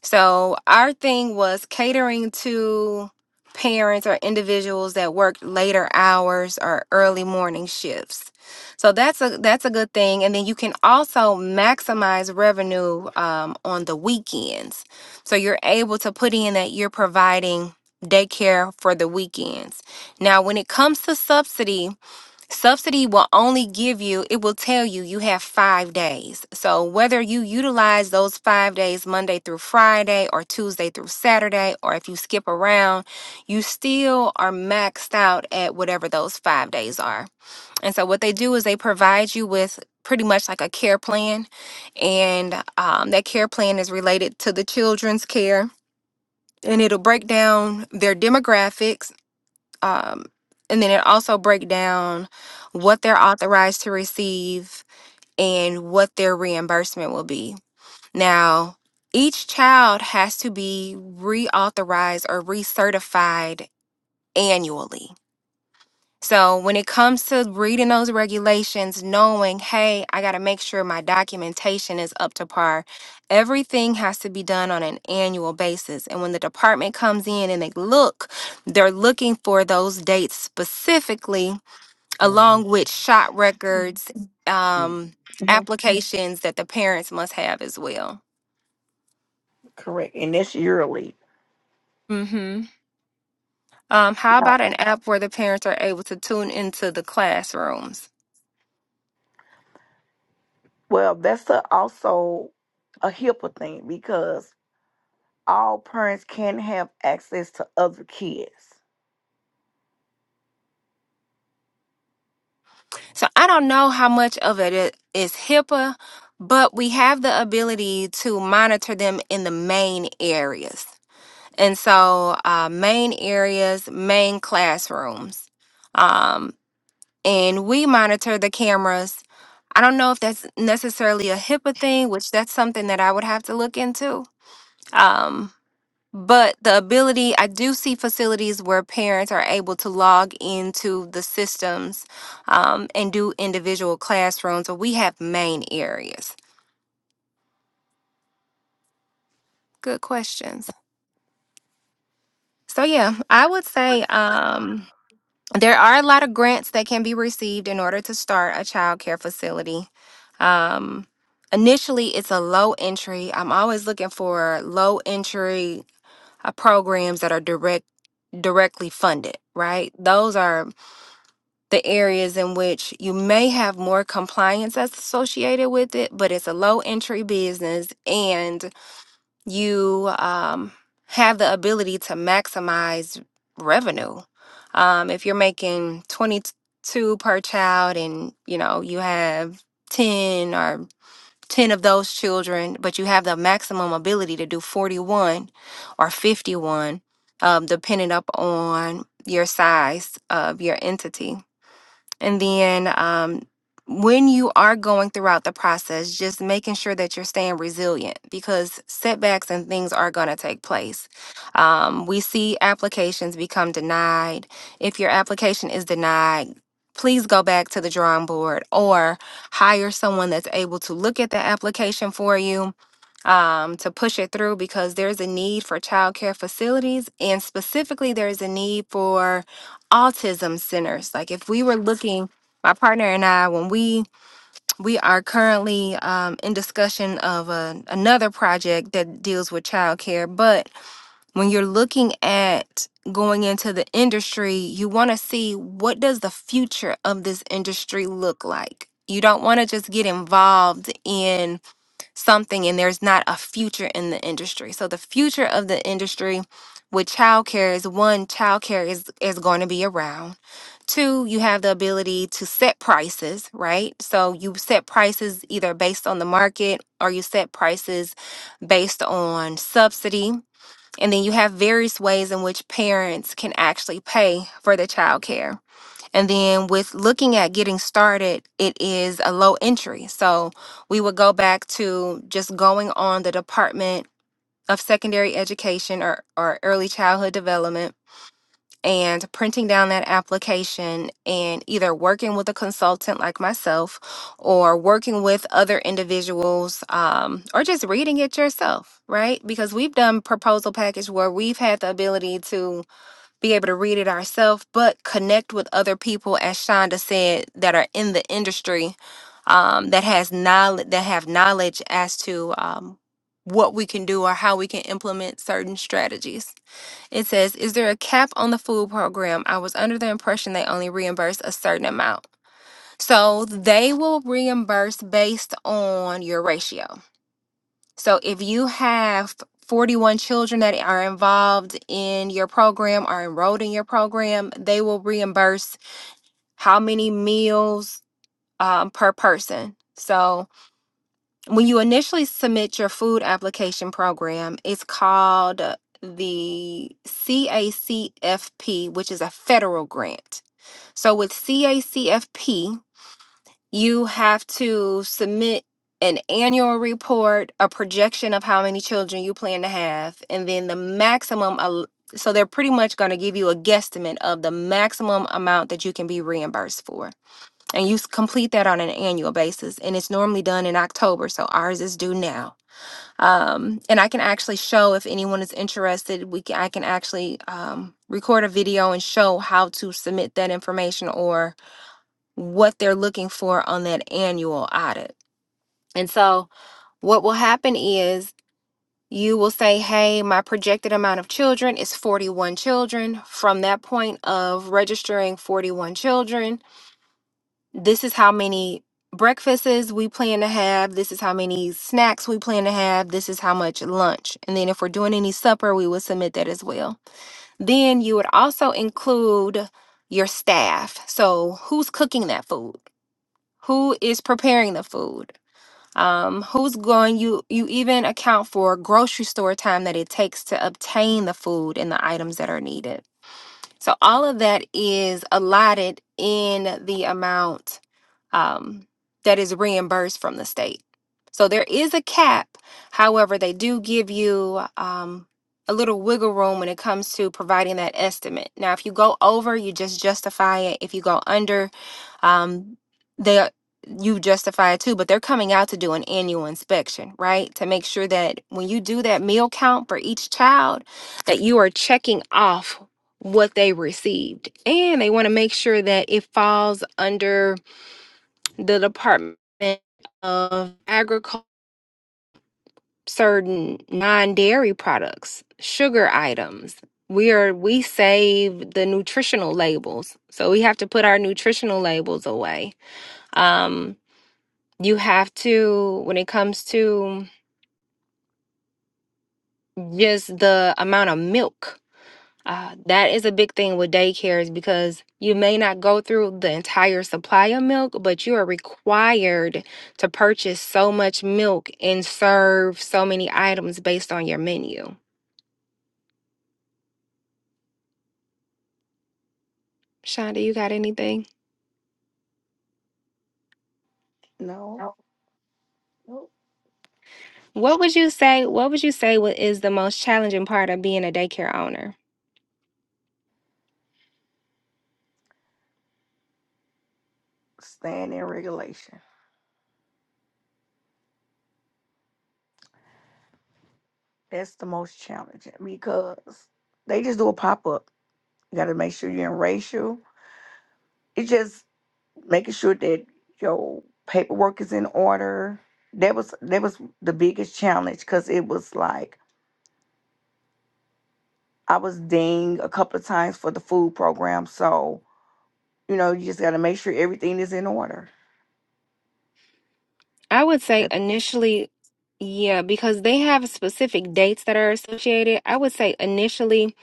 Speaker 1: So our thing was catering to parents or individuals that worked later hours or early morning shifts. So that's a that's a good thing. And then you can also maximize revenue um, on the weekends. So you're able to put in that you're providing daycare for the weekends. Now when it comes to subsidy, Subsidy will only give you, it will tell you you have five days. So, whether you utilize those five days, Monday through Friday, or Tuesday through Saturday, or if you skip around, you still are maxed out at whatever those five days are. And so, what they do is they provide you with pretty much like a care plan, and um, that care plan is related to the children's care. And it'll break down their demographics um, and then it also break down what they're authorized to receive and what their reimbursement will be now each child has to be reauthorized or recertified annually so when it comes to reading those regulations, knowing, hey, I got to make sure my documentation is up to par, everything has to be done on an annual basis. And when the department comes in and they look, they're looking for those dates specifically, along with shot records, um,
Speaker 2: Mhm.
Speaker 1: applications that the parents must have as well.
Speaker 2: Correct. And that's yearly.
Speaker 1: hmm Um, how about an app where the parents are able to tune into the classrooms?
Speaker 2: Well, that's a, also a HIPAA thing because all parents can have access to other kids.
Speaker 1: So I don't know how much of it i- is HIPAA, but we have the ability to monitor them in the main areas. And so, uh, main areas, main classrooms. Um, and we monitor the cameras. I don't know if that's necessarily a HIPAA thing, which that's something that I would have to look into. Um, but the ability, I do see facilities where parents are able to log into the systems um, and do individual classrooms, or we have main areas. Good questions. So, yeah, I would say um, there are a lot of grants that can be received in order to start a childcare facility. Um, initially, it's a low entry. I'm always looking for low entry uh, programs that are direct directly funded, right? Those are the areas in which you may have more compliance that's associated with it, but it's a low entry business and you um, have the ability to maximize revenue. Um, if you're making 22 per child and you know you have 10 or 10 of those children, but you have the maximum ability to do 41 or 51, um, depending up on your size of your entity and then um, when you are going throughout the process, just making sure that you're staying resilient because setbacks and things are going to take place. Um, we see applications become denied. If your application is denied, please go back to the drawing board or hire someone that's able to look at the application for you um, to push it through because there's a need for childcare facilities and specifically there's a need for autism centers. Like if we were looking, my partner and I, when we we are currently um, in discussion of a, another project that deals with childcare, but when you're looking at going into the industry, you want to see what does the future of this industry look like. You don't want to just get involved in something and there's not a future in the industry. So the future of the industry with childcare is one, childcare is is going to be around. Two, you have the ability to set prices, right? So you set prices either based on the market or you set prices based on subsidy. And then you have various ways in which parents can actually pay for the childcare. And then with looking at getting started, it is a low entry. So we would go back to just going on the Department of Secondary Education or, or Early Childhood Development and printing down that application and either working with a consultant like myself or working with other individuals um, or just reading it yourself, right? Because we've done proposal package where we've had the ability to be able to read it ourselves, but connect with other people, as Shonda said, that are in the industry, um, that has knowledge, that have knowledge as to um, what we can do or how we can implement certain strategies. It says, "Is there a cap on the food program? I was under the impression they only reimburse a certain amount, so they will reimburse based on your ratio." So if you have 41 children that are involved in your program, are enrolled in your program, they will reimburse how many meals um, per person. So when you initially submit your food application program, it's called uh, the CACFP, which is a federal grant. So with CACFP, you have to submit an annual report, a projection of how many children you plan to have, and then the maximum. al- So they're pretty much going to give you a guesstimate of the maximum amount that you can be reimbursed for. And you s- complete that on an annual basis. And it's normally done in October. So ours is due now. Um, and I can actually show if anyone is interested, we can, I can actually um, record a video and show how to submit that information or what they're looking for on that annual audit. And so what will happen is you will say, Hey, my projected amount of children is 41 children. From that point of registering 41 children, this is how many breakfasts we plan to have. This is how many snacks we plan to have. This is how much lunch. And then if we're doing any supper, we would submit that as well. Then you would also include your staff. So who's cooking that food? who is preparing the food um, who's going you you even account for grocery store time that it takes to obtain the food and the items that are needed so all of that is allotted in the amount um, that is reimbursed from the state so there is a cap however they do give you um, a little wiggle room when it comes to providing that estimate now if you go over you just justify it if you go under um, they are- you justify it too, but they're coming out to do an annual inspection, right? To make sure that when you do that meal count for each child, that you are checking off what they received, and they want to make sure that it falls under the Department of Agriculture, certain non-dairy products, sugar items. We are we save the nutritional labels, so we have to put our nutritional labels away. Um, you have to when it comes to just the amount of milk uh, that is a big thing with daycares because you may not go through the entire supply of milk but you are required to purchase so much milk and serve so many items based on your menu shonda you got anything
Speaker 2: No,
Speaker 1: No.
Speaker 2: nope.
Speaker 1: what would you say what would you say what is the most challenging part of being a daycare owner
Speaker 2: staying in regulation. That's the most challenging because they just do a pop up. You got to make sure you're in racial. It's just making sure that your paperwork is in order. That was that was the biggest challenge because it was like I was dinged a couple of times for the food program, so You know, you just got to make sure everything is in order.
Speaker 1: I would say
Speaker 2: That-
Speaker 1: initially, yeah, because they have specific dates that are associated. I would say initially,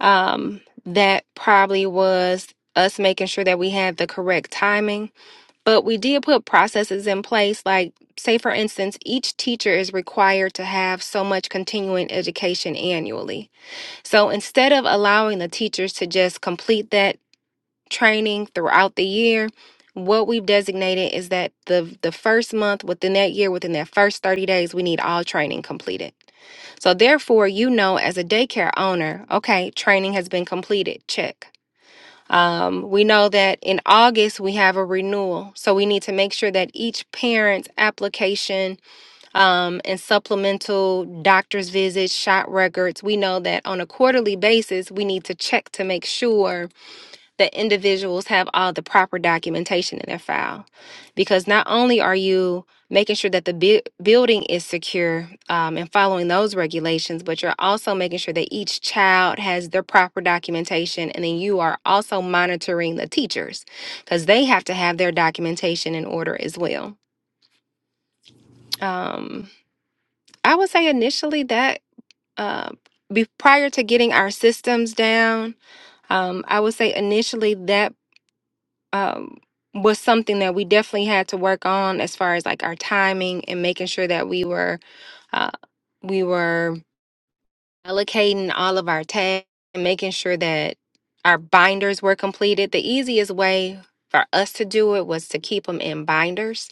Speaker 1: um, that probably was us making sure that we had the correct timing. But we did put processes in place, like, say, for instance, each teacher is required to have so much continuing education annually. So instead of allowing the teachers to just complete that training throughout the year what we've designated is that the the first month within that year within that first 30 days we need all training completed so therefore you know as a daycare owner okay training has been completed check um, we know that in august we have a renewal so we need to make sure that each parent's application um, and supplemental doctor's visits shot records we know that on a quarterly basis we need to check to make sure that individuals have all the proper documentation in their file because not only are you making sure that the bu- building is secure um, and following those regulations but you're also making sure that each child has their proper documentation and then you are also monitoring the teachers because they have to have their documentation in order as well um, i would say initially that uh, be, prior to getting our systems down um, i would say initially that um, was something that we definitely had to work on as far as like our timing and making sure that we were uh, we were allocating all of our tasks and making sure that our binders were completed. The easiest way for us to do it was to keep them in binders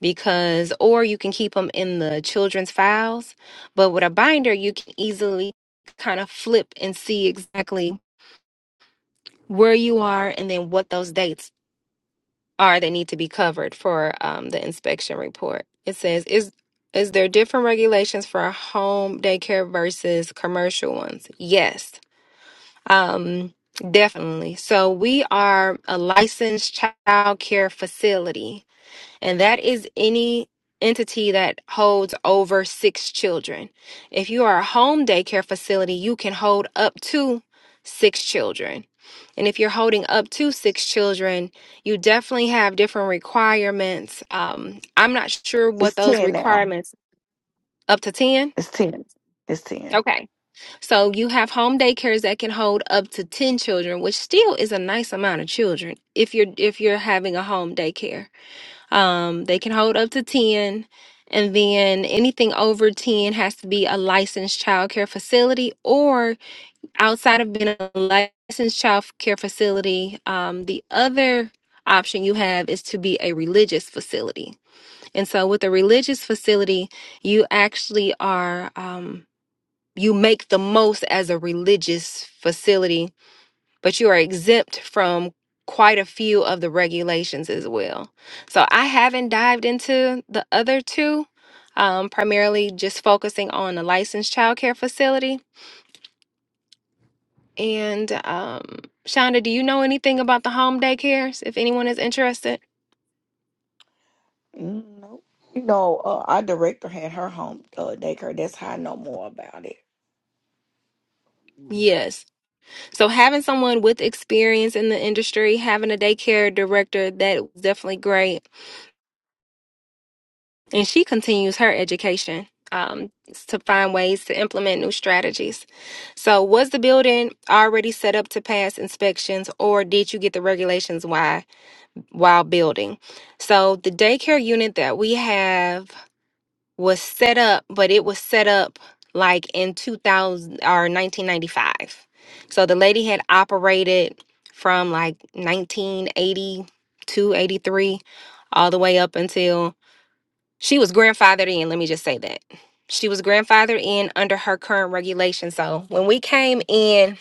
Speaker 1: because or you can keep them in the children's files but with a binder you can easily kind of flip and see exactly where you are and then what those dates are that need to be covered for um, the inspection report. It says, is is there different regulations for a home daycare versus commercial ones? Yes, um, definitely. So we are a licensed child care facility and that is any entity that holds over six children. If you are a home daycare facility, you can hold up to six children. And if you're holding up to six children, you definitely have different requirements. Um, I'm not sure what
Speaker 2: It's
Speaker 1: those
Speaker 2: 10 now.
Speaker 1: requirements up to 10.
Speaker 2: It's 10. It's 10.
Speaker 1: Okay. So you have home daycares that can hold up to 10 children, which still is a nice amount of children if you're if you're having a home daycare. Um, they can hold up to 10. And then anything over 10 has to be a licensed child care facility, or outside of being a licensed child care facility, um, the other option you have is to be a religious facility. And so, with a religious facility, you actually are, um, you make the most as a religious facility but you are exempt from quite a few of the regulations as well. So I haven't dived into the other two, um, primarily just focusing on the licensed childcare facility. And um, Shonda, do you know anything about the home daycares if anyone is interested?
Speaker 2: Mm, Nope. You know, uh, our director had her home uh, daycare. That's how I know more about it.
Speaker 1: Yes. So having someone with experience in the industry, having a daycare director, that was definitely great And she continues her education um, to find ways to implement new strategies. So, was the building already set up to pass inspections, or did you get the regulations while while building? So, the daycare unit that we have was set up, but it was set up like in 2000 or 1995. So, the lady had operated from like nineteen eighty two eighty three all the way up until she was grandfathered in, let me just say that. She was grandfathered in under her current regulation. So when we came in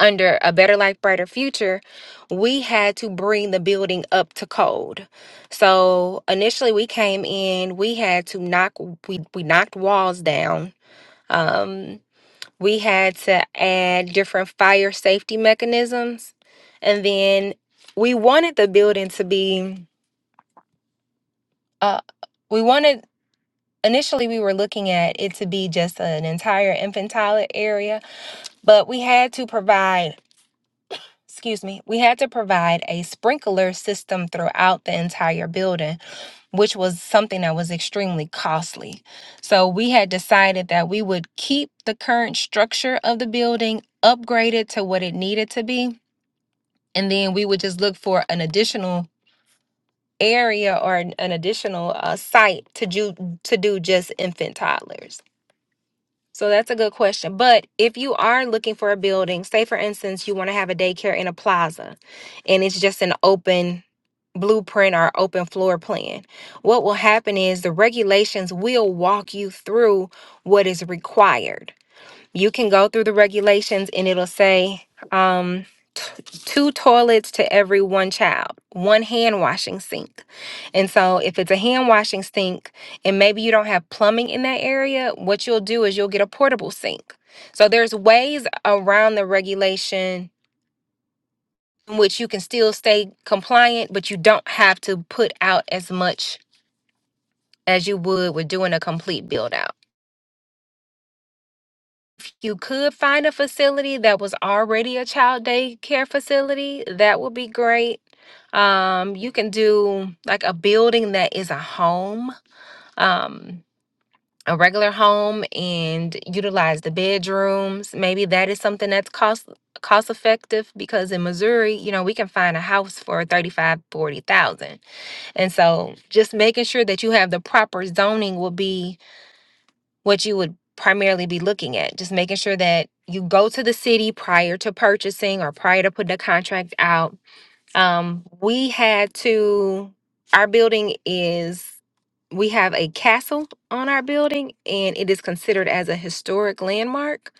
Speaker 1: under a Better Life, Brighter Future, we had to bring the building up to code. So initially we came in, we had to knock we, we knocked walls down. Um, we had to add different fire safety mechanisms. And then we wanted the building to be uh, we wanted initially we were looking at it to be just an entire infantile area, but we had to provide, excuse me, we had to provide a sprinkler system throughout the entire building, which was something that was extremely costly. So we had decided that we would keep the current structure of the building upgraded to what it needed to be, and then we would just look for an additional area or an an additional uh, site to do to do just infant toddlers So that's a good question. But if you are looking for a building, say for instance, you want to have a daycare in a plaza and it's just an open blueprint or open floor plan, what will happen is the regulations will walk you through what is required. You can go through the regulations and it'll say, um, two toilets to every one child, one hand washing sink. And so, if it's a hand washing sink and maybe you don't have plumbing in that area, what you'll do is you'll get a portable sink. So, there's ways around the regulation in which you can still stay compliant, but you don't have to put out as much as you would with doing a complete build out. you could find a facility that was already a child daycare facility, that would be great. Um, you can do like a building that is a home, um, a regular home, and utilize the bedrooms. Maybe that is something that's cost cost effective because in Missouri, you know, we can find a house for 35, 40,000. And so just making sure that you have the proper zoning will be what you would primarily be looking at. Just making sure that you go to the city prior to purchasing or prior to putting a contract out. Um, we had to, our building is, we have a castle on our building and it is considered as a historic landmark.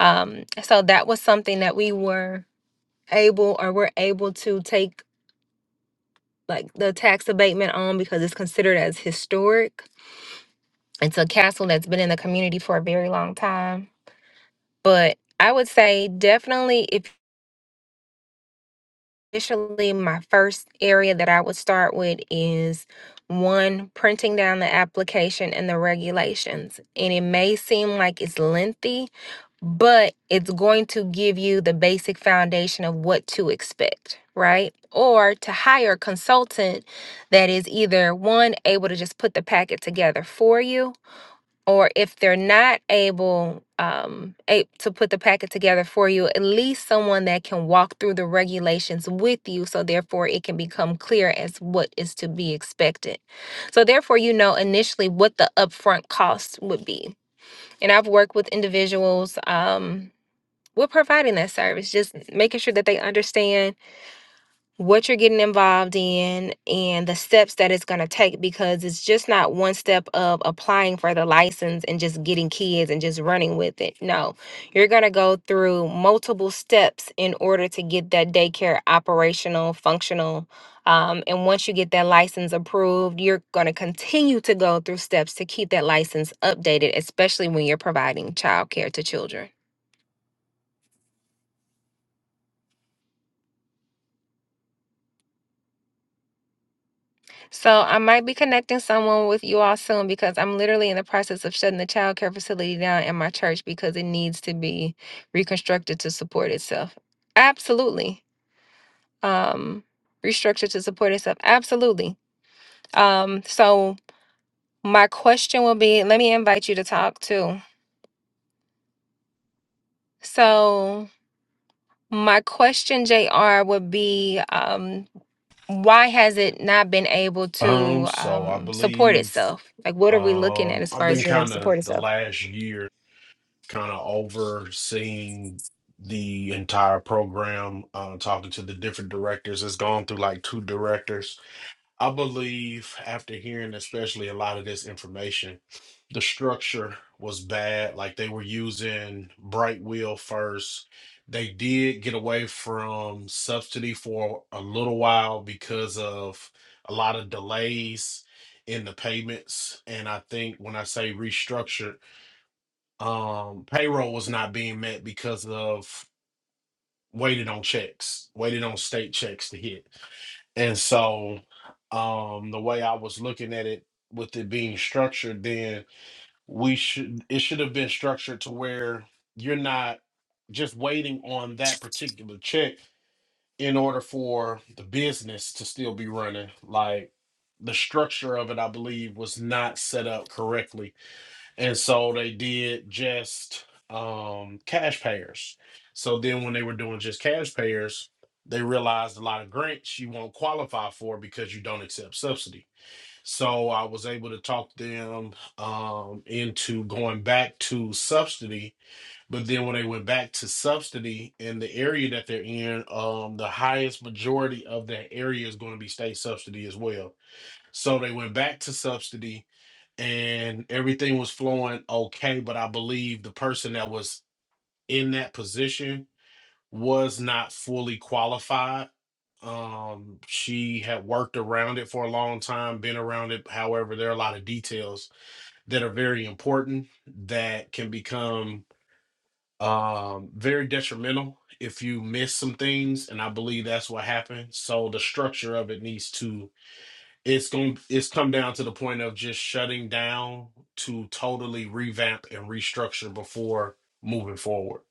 Speaker 1: Um, so that was something that we were able or were able to take like the tax abatement on because it's considered as historic. It's a castle that's been in the community for a very long time But I would say definitely if initially my first area that I would start with is one printing down the application and the regulations. And it may seem like it's lengthy, but it's going to give you the basic foundation of what to expect, right? Or to hire a consultant that is either one able to just put the packet together for you or if they're not able um, a- to put the packet together for you, at least someone that can walk through the regulations with you. So, therefore, it can become clear as what is to be expected. So, therefore, you know initially what the upfront cost would be. And I've worked with individuals um, with providing that service, just making sure that they understand what you're getting involved in and the steps that it's going to take because it's just not one step of applying for the license and just getting kids and just running with it. No, you're going to go through multiple steps in order to get that daycare operational, functional. Um, and once you get that license approved, you're going to continue to go through steps to keep that license updated, especially when you're providing childcare to children. So I might be connecting someone with you all soon because I'm literally in the process of shutting the child care facility down in my church because it needs to be reconstructed to support itself. Absolutely. Um restructured to support itself. Absolutely. Um so my question will be let me invite you to talk too. So my question JR would be um why has it not been able
Speaker 3: Um,
Speaker 1: to
Speaker 3: so I
Speaker 1: um support
Speaker 3: believe
Speaker 1: itself? Like what are we looking at
Speaker 3: um
Speaker 1: as
Speaker 3: I've
Speaker 1: far as
Speaker 3: been
Speaker 1: being able to
Speaker 3: kind of
Speaker 1: support
Speaker 3: the
Speaker 1: itself?
Speaker 3: last year kind of overseeing the entire program, uh, talking to the different directors. It's gone through like two directors. I believe after hearing especially a lot of this information, the structure was bad. Like they were using Bright Wheel first. They did get away from subsidy for a little while because of a lot of delays in the payments. And I think when I say restructured, um, payroll was not being met because of waited on checks, waited on state checks to hit. And so um the way I was looking at it with it being structured, then we should it should have been structured to where you're not just waiting on that particular check in order for the business to still be running. Like the structure of it, I believe, was not set up correctly and so they did just um, cash payers. So then when they were doing just cash payers, they realized a lot of grants you won't qualify for because you don't accept subsidy. So I was able to talk them um, into going back to subsidy. But then when they went back to subsidy in the area that they're in, um, the highest majority of that area is going to be state subsidy as well. So they went back to subsidy and everything was flowing okay. But I believe the person that was in that position was not fully qualified. Um, she had worked around it for a long time, been around it. However, there are a lot of details that are very important that can become um, very detrimental if you miss some things. And I believe that's what happened. So the structure of it needs to it's going to it's come down to the point of just shutting down to totally revamp and restructure before moving forward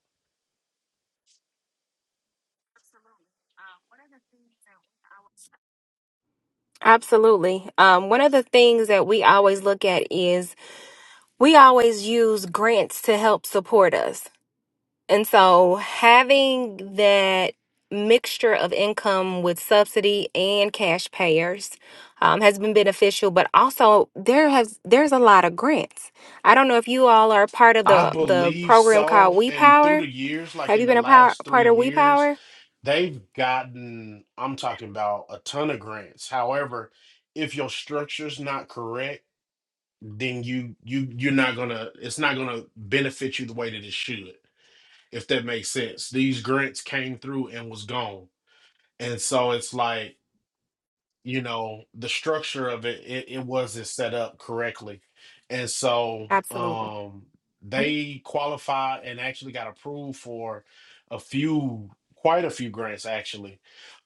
Speaker 1: Absolutely. Um, one of the things that we always look at is we always use grants to help support us. And so having that mixture of income with subsidy and cash payers um, has been beneficial, but also there has there's a lot of grants. I don't know if you all are part of
Speaker 3: i
Speaker 1: the the
Speaker 3: believe
Speaker 1: program called
Speaker 3: so
Speaker 1: We
Speaker 3: and through
Speaker 1: Power.
Speaker 3: the years like
Speaker 1: Have you
Speaker 3: in the
Speaker 1: been a power,
Speaker 3: last three
Speaker 1: part of We
Speaker 3: years
Speaker 1: Power?
Speaker 3: they've gotten i'm talking about a ton of grants however if your structure's not correct then you you you're not gonna it's not gonna benefit you the way that it should if that makes sense these grants came through and was gone and so it's like you know the structure of it, it it wasn't set up correctly and so
Speaker 1: Absolutely.
Speaker 3: um they qualified and actually got approved for a few quite a few grants actually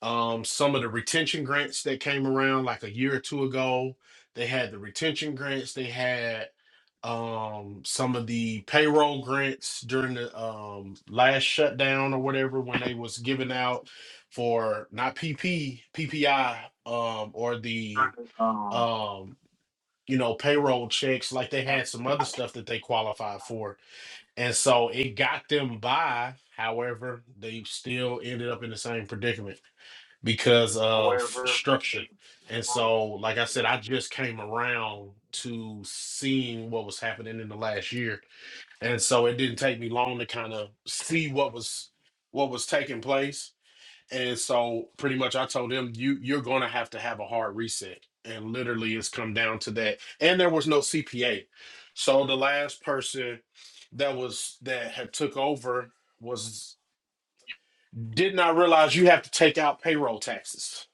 Speaker 3: um some of the retention grants that came around like a year or two ago they had the retention grants they had um some of the payroll grants during the um last shutdown or whatever when they was giving out for not PP, PPI, um, or the um, you know, payroll checks, like they had some other stuff that they qualified for. And so it got them by. However, they still ended up in the same predicament because of structure. And so, like I said, I just came around to seeing what was happening in the last year. And so it didn't take me long to kind of see what was what was taking place and so pretty much I told him you you're going to have to have a hard reset. And literally it's come down to that. And there was no CPA. So the last person that was that had took over was did not realize you have to take out payroll taxes.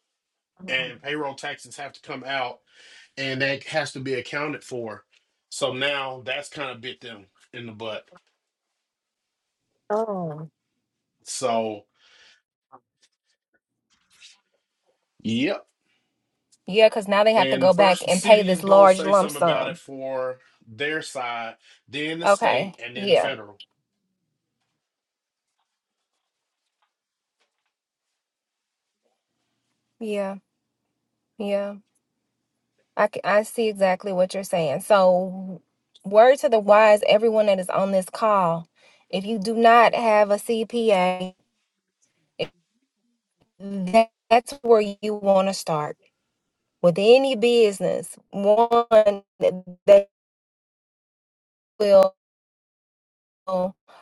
Speaker 3: And payroll taxes have to come out and that has to be accounted for. So now that's kind of bit them in the butt.
Speaker 1: Oh.
Speaker 3: So yep
Speaker 1: Yeah, because now they have to
Speaker 3: And
Speaker 1: go back
Speaker 3: first, the
Speaker 1: and pay
Speaker 3: city is
Speaker 1: this
Speaker 3: going to
Speaker 1: large
Speaker 3: say
Speaker 1: lump
Speaker 3: something about
Speaker 1: sum.
Speaker 3: it for their side, then the
Speaker 1: Okay.
Speaker 3: state, and then the
Speaker 1: Yeah.
Speaker 3: federal.
Speaker 1: Yeah. Yeah. I, c- I see exactly what you're saying. So, word to the wise, everyone that is on this call, if you do not have a CPA, if that, that's where you want to start with any business. One that that will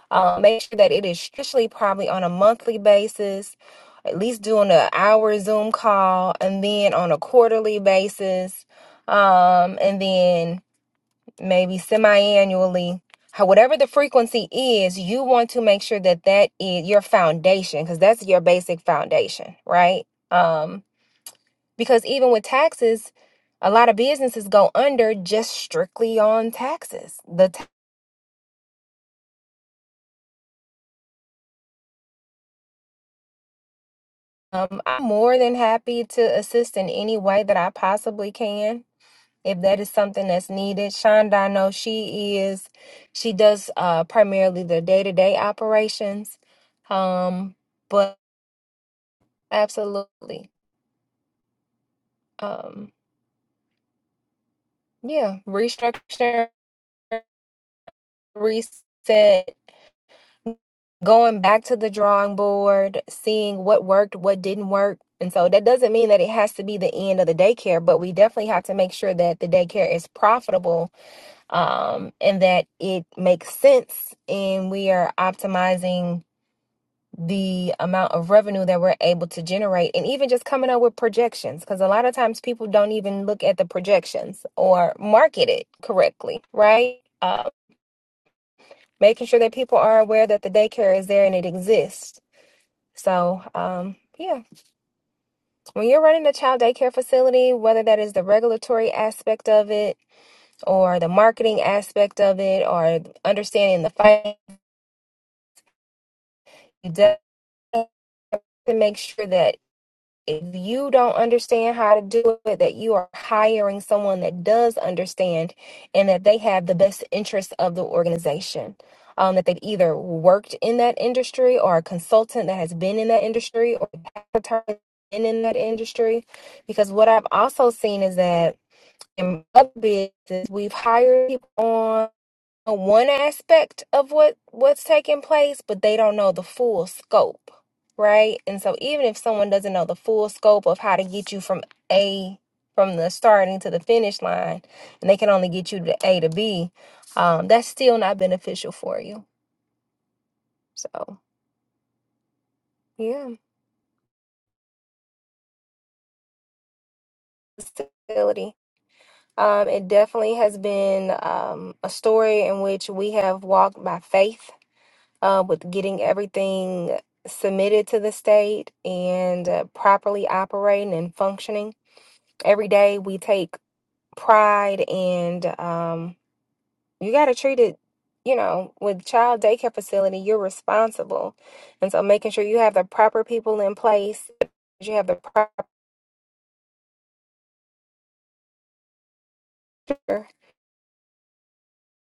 Speaker 1: uh, make sure that it is strictly probably on a monthly basis, at least doing an hour Zoom call, and then on a quarterly basis. Um, and then maybe semi-annually how whatever the frequency is you want to make sure that that is your foundation because that's your basic foundation right um because even with taxes a lot of businesses go under just strictly on taxes the ta- um, i'm more than happy to assist in any way that i possibly can if that is something that's needed shonda i know she is she does uh primarily the day-to-day operations um but Absolutely. Um, yeah, restructure, reset, going back to the drawing board, seeing what worked, what didn't work. And so that doesn't mean that it has to be the end of the daycare, but we definitely have to make sure that the daycare is profitable um, and that it makes sense and we are optimizing the amount of revenue that we're able to generate and even just coming up with projections because a lot of times people don't even look at the projections or market it correctly right uh, making sure that people are aware that the daycare is there and it exists so um, yeah when you're running a child daycare facility whether that is the regulatory aspect of it or the marketing aspect of it or understanding the finance to make sure that if you don't understand how to do it, that you are hiring someone that does understand and that they have the best interests of the organization. Um, that they've either worked in that industry or a consultant that has been in that industry or has been in that industry. Because what I've also seen is that in other businesses, we've hired people on know one aspect of what what's taking place but they don't know the full scope right and so even if someone doesn't know the full scope of how to get you from a from the starting to the finish line and they can only get you to a to b um, that's still not beneficial for you so yeah facility um, it definitely has been um, a story in which we have walked by faith uh, with getting everything submitted to the state and uh, properly operating and functioning. Every day we take pride, and um, you got to treat it, you know, with child daycare facility, you're responsible. And so making sure you have the proper people in place, you have the proper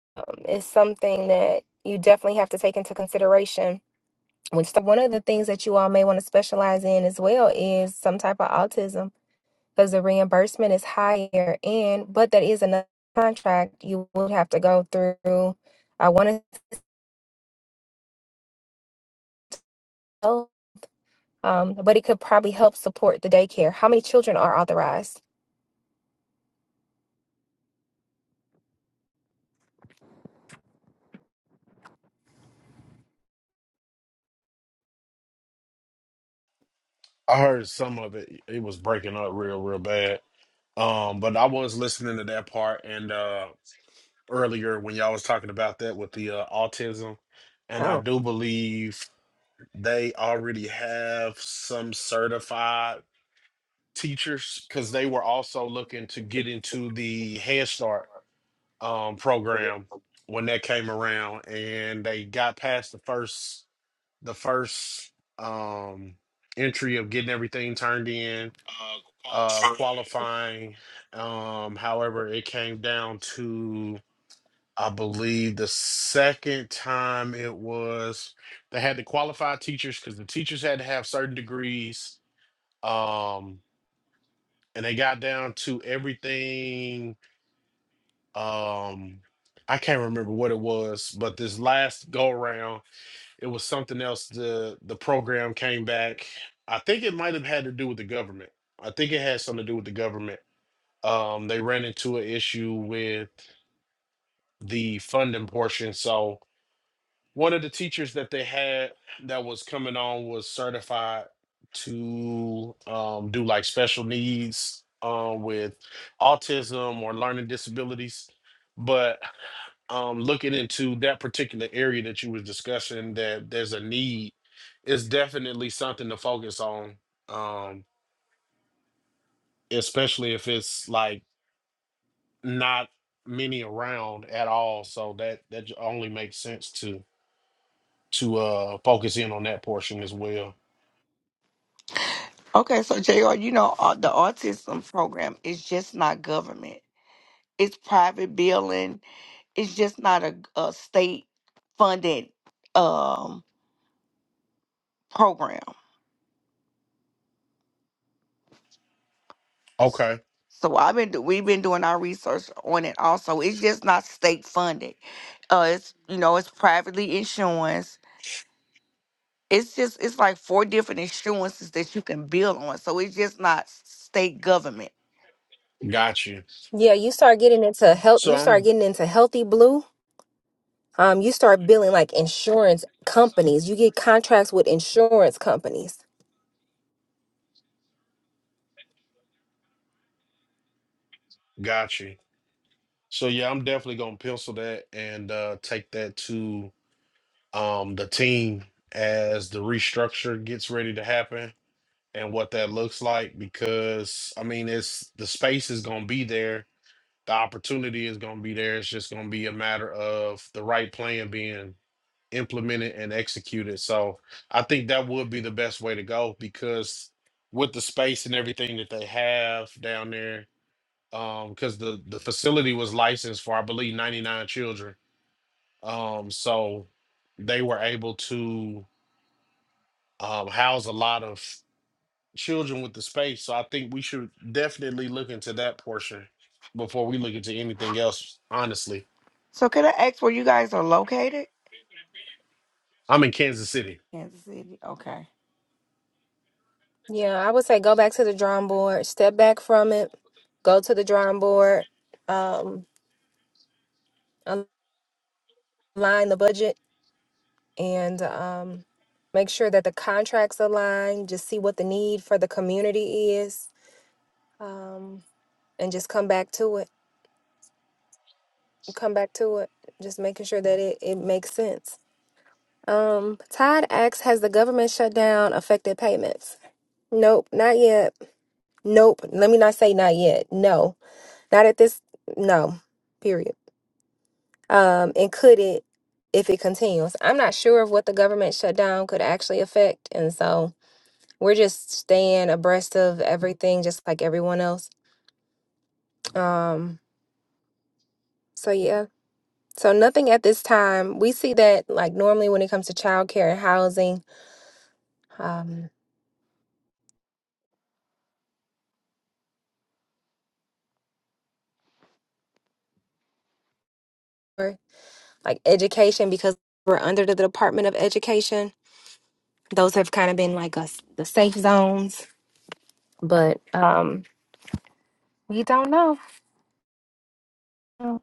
Speaker 1: um, is something that you definitely have to take into consideration. Which one of the things that you all may want to specialize in as well is some type of autism because the reimbursement is higher and but that is another contract you would have to go through i want to tell um but it could probably help support the daycare how many children are authorized
Speaker 3: I heard some of it. It was breaking up real, real bad. Um, but I was listening to that part and uh earlier when y'all was talking about that with the uh, autism, and I
Speaker 1: Oh,
Speaker 3: do believe they already have some certified teachers because they were also looking to get into the Head Start um, program when that came around, and they got past the first the first um, entry of getting everything turned in, uh, qualifying. Um, however, it came down to I believe the second time it was they had to qualify teachers because the teachers had to have certain degrees. Um, and they got down to everything um I can't remember what it was, but this last go round, it was something else. The the program came back. I think it might have had to do with the government. I think it had something to do with the government. Um, they ran into an issue with the funding portion, so one of the teachers that they had that was coming on was certified to um, do like special needs um, with autism or learning disabilities but um, looking into that particular area that you was discussing that there's a need is definitely something to focus on um, especially if it's like not many around at all so that that j- only makes sense to. to uh focus in on that portion as well.
Speaker 2: Okay, so JR, you know, uh, the autism program is just not government. It's private billing. It's just not a, a state funded um, program.
Speaker 3: Okay.
Speaker 2: So I've been do- we've been doing our research on it also. It's just not state funded. Uh, it's you know it's privately insurance. It's just it's like four different insurances that you can build on. So it's just not state government.
Speaker 3: Got you.
Speaker 1: yeah you start getting into health
Speaker 3: So
Speaker 1: you start
Speaker 3: I'm
Speaker 1: getting into healthy blue Um, you start billing like insurance companies. You get contracts with insurance companies.
Speaker 3: got you. So yeah, I'm definitely gonna pencil that and uh take that to um the team as the restructure gets ready to happen and what that looks like because I mean it's the space is gonna be there, the opportunity is gonna be there. It's just gonna be a matter of the right plan being implemented and executed. So I think that would be the best way to go because with the space and everything that they have down there, um, because the the facility was licensed for I believe 99 children. Um, so they were able to um, house a lot of children with the space. So I think we should definitely look into that portion before we look into anything else. Honestly,
Speaker 2: So can I ask where you guys are located?
Speaker 3: I'm in Kansas City.
Speaker 2: Kansas City. Okay.
Speaker 1: Yeah, I would say go back to the drawing board, step back from it, go to the drawing board, um, align the budget. and um, make sure that the contracts align, just see what the need for the community is, um, and just come back to it. Come back to it, just making sure that it, it makes sense. Um, Todd asks, has the government shutdown affected payments? Nope, not yet. Nope. Let me not say not yet. No, not at this. No, period. Um, and could it if it continues? I'm not sure of what the government shutdown could actually affect, and so we're just staying abreast of everything just like everyone else um so yeah so nothing at this time we see that like normally when it comes to childcare and housing um or like education because we're under the department of education those have kind of been like us the safe zones but um we don't know Um,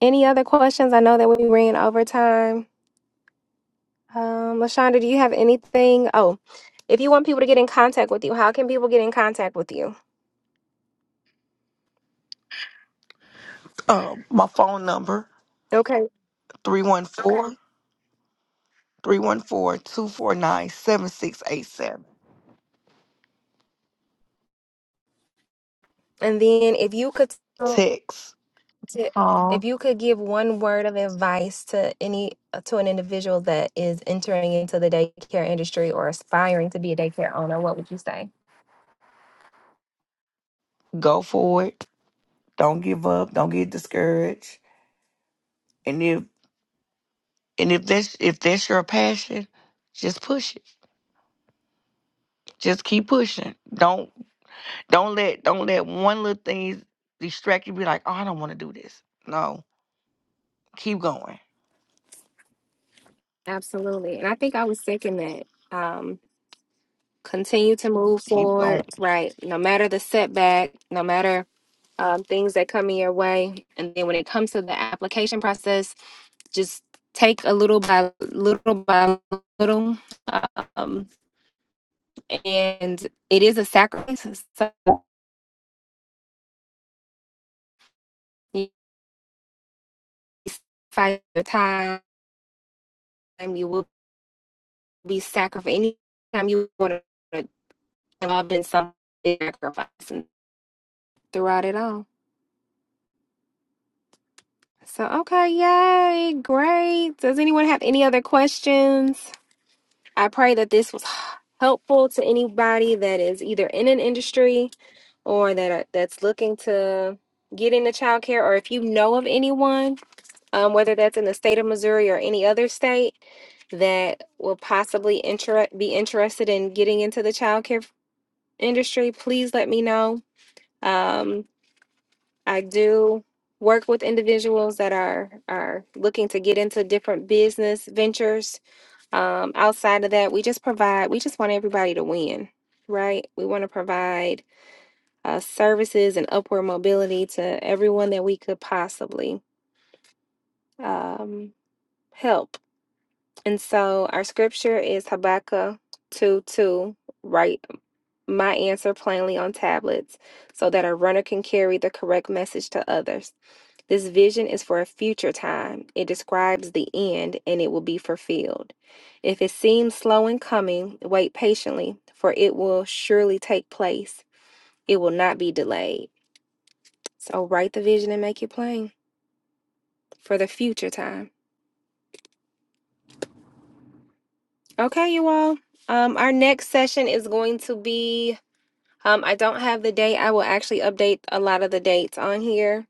Speaker 1: any other questions i know that we ran over time um lashonda do you have anything oh if you want people to get in contact with you how can people get in contact with you
Speaker 2: Um, my phone number
Speaker 1: Okay.
Speaker 2: three one four three one four two four nine seven six eight seven.
Speaker 1: And then if you could tell
Speaker 2: Text.
Speaker 1: to, if
Speaker 2: Call.
Speaker 1: you could give one word of advice to any uh, to an individual that is entering into the daycare industry or aspiring to be a daycare owner, what would you say?
Speaker 2: Go for it. Don't give up. Don't get discouraged. And if And if that's if that's your passion, just push it. Just keep pushing. Don't don't let don't let one little thing distract you. Be like, oh, I don't want to do this. No, keep going.
Speaker 1: Absolutely. And I think I was second that. Um, continue to move
Speaker 2: Keep
Speaker 1: forward,
Speaker 2: going.
Speaker 1: right? No matter the setback, no matter um, things that come in your way. And then when it comes to the application process, just take a little by little by little. Um, and it is a sacrifice. So you sacrifice your time, you will be sacrificed. Anytime you want to involved in some sacrifice throughout it all. So, okay, yay, great. Does anyone have any other questions? I pray that this was helpful to anybody that is either in an industry or that are, that's looking to get into childcare, or if you know of anyone, um, whether that's in the state of Missouri or any other state that will possibly inter- be interested in getting into the childcare industry, please let me know. Um, I do work with individuals that are are looking to get into different business ventures. Um, outside of that, we just provide. We just want everybody to win, right? We want to provide uh, services and upward mobility to everyone that we could possibly um, help. And so our scripture is Habakkuk two two. Write my answer plainly on tablets, so that a runner can carry the correct message to others. This vision is for a future time. It describes the end and it will be fulfilled. If it seems slow in coming, wait patiently, for it will surely take place. It will not be delayed. So write the vision and make it plain for the future time. Okay, you all. Um, our next session is going to be. Um, I don't have the date. I will actually update a lot of the dates on here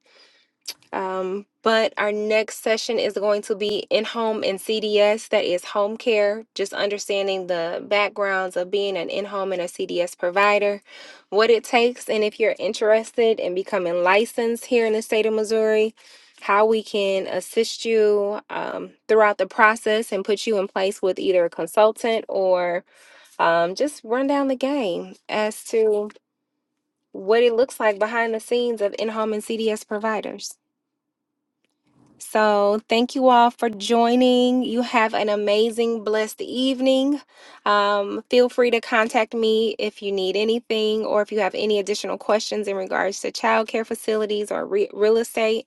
Speaker 1: Um, but our next session is going to be in home and CDS, that is home care, just understanding the backgrounds of being an in home and a CDS provider, what it takes, and if you're interested in becoming licensed here in the state of Missouri, how we can assist you um, throughout the process and put you in place with either a consultant or um, just run down the game as to what it looks like behind the scenes of in home and CDS providers. So, thank you all for joining. You have an amazing, blessed evening. Um, feel free to contact me if you need anything or if you have any additional questions in regards to childcare facilities or re- real estate.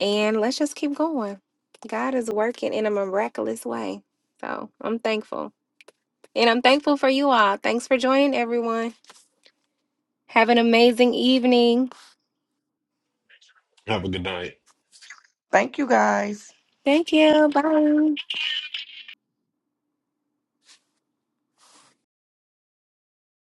Speaker 1: And let's just keep going. God is working in a miraculous way. So, I'm thankful. And I'm thankful for you all. Thanks for joining, everyone. Have an amazing evening.
Speaker 3: Have a good night.
Speaker 2: Thank you guys.
Speaker 1: Thank you. Bye.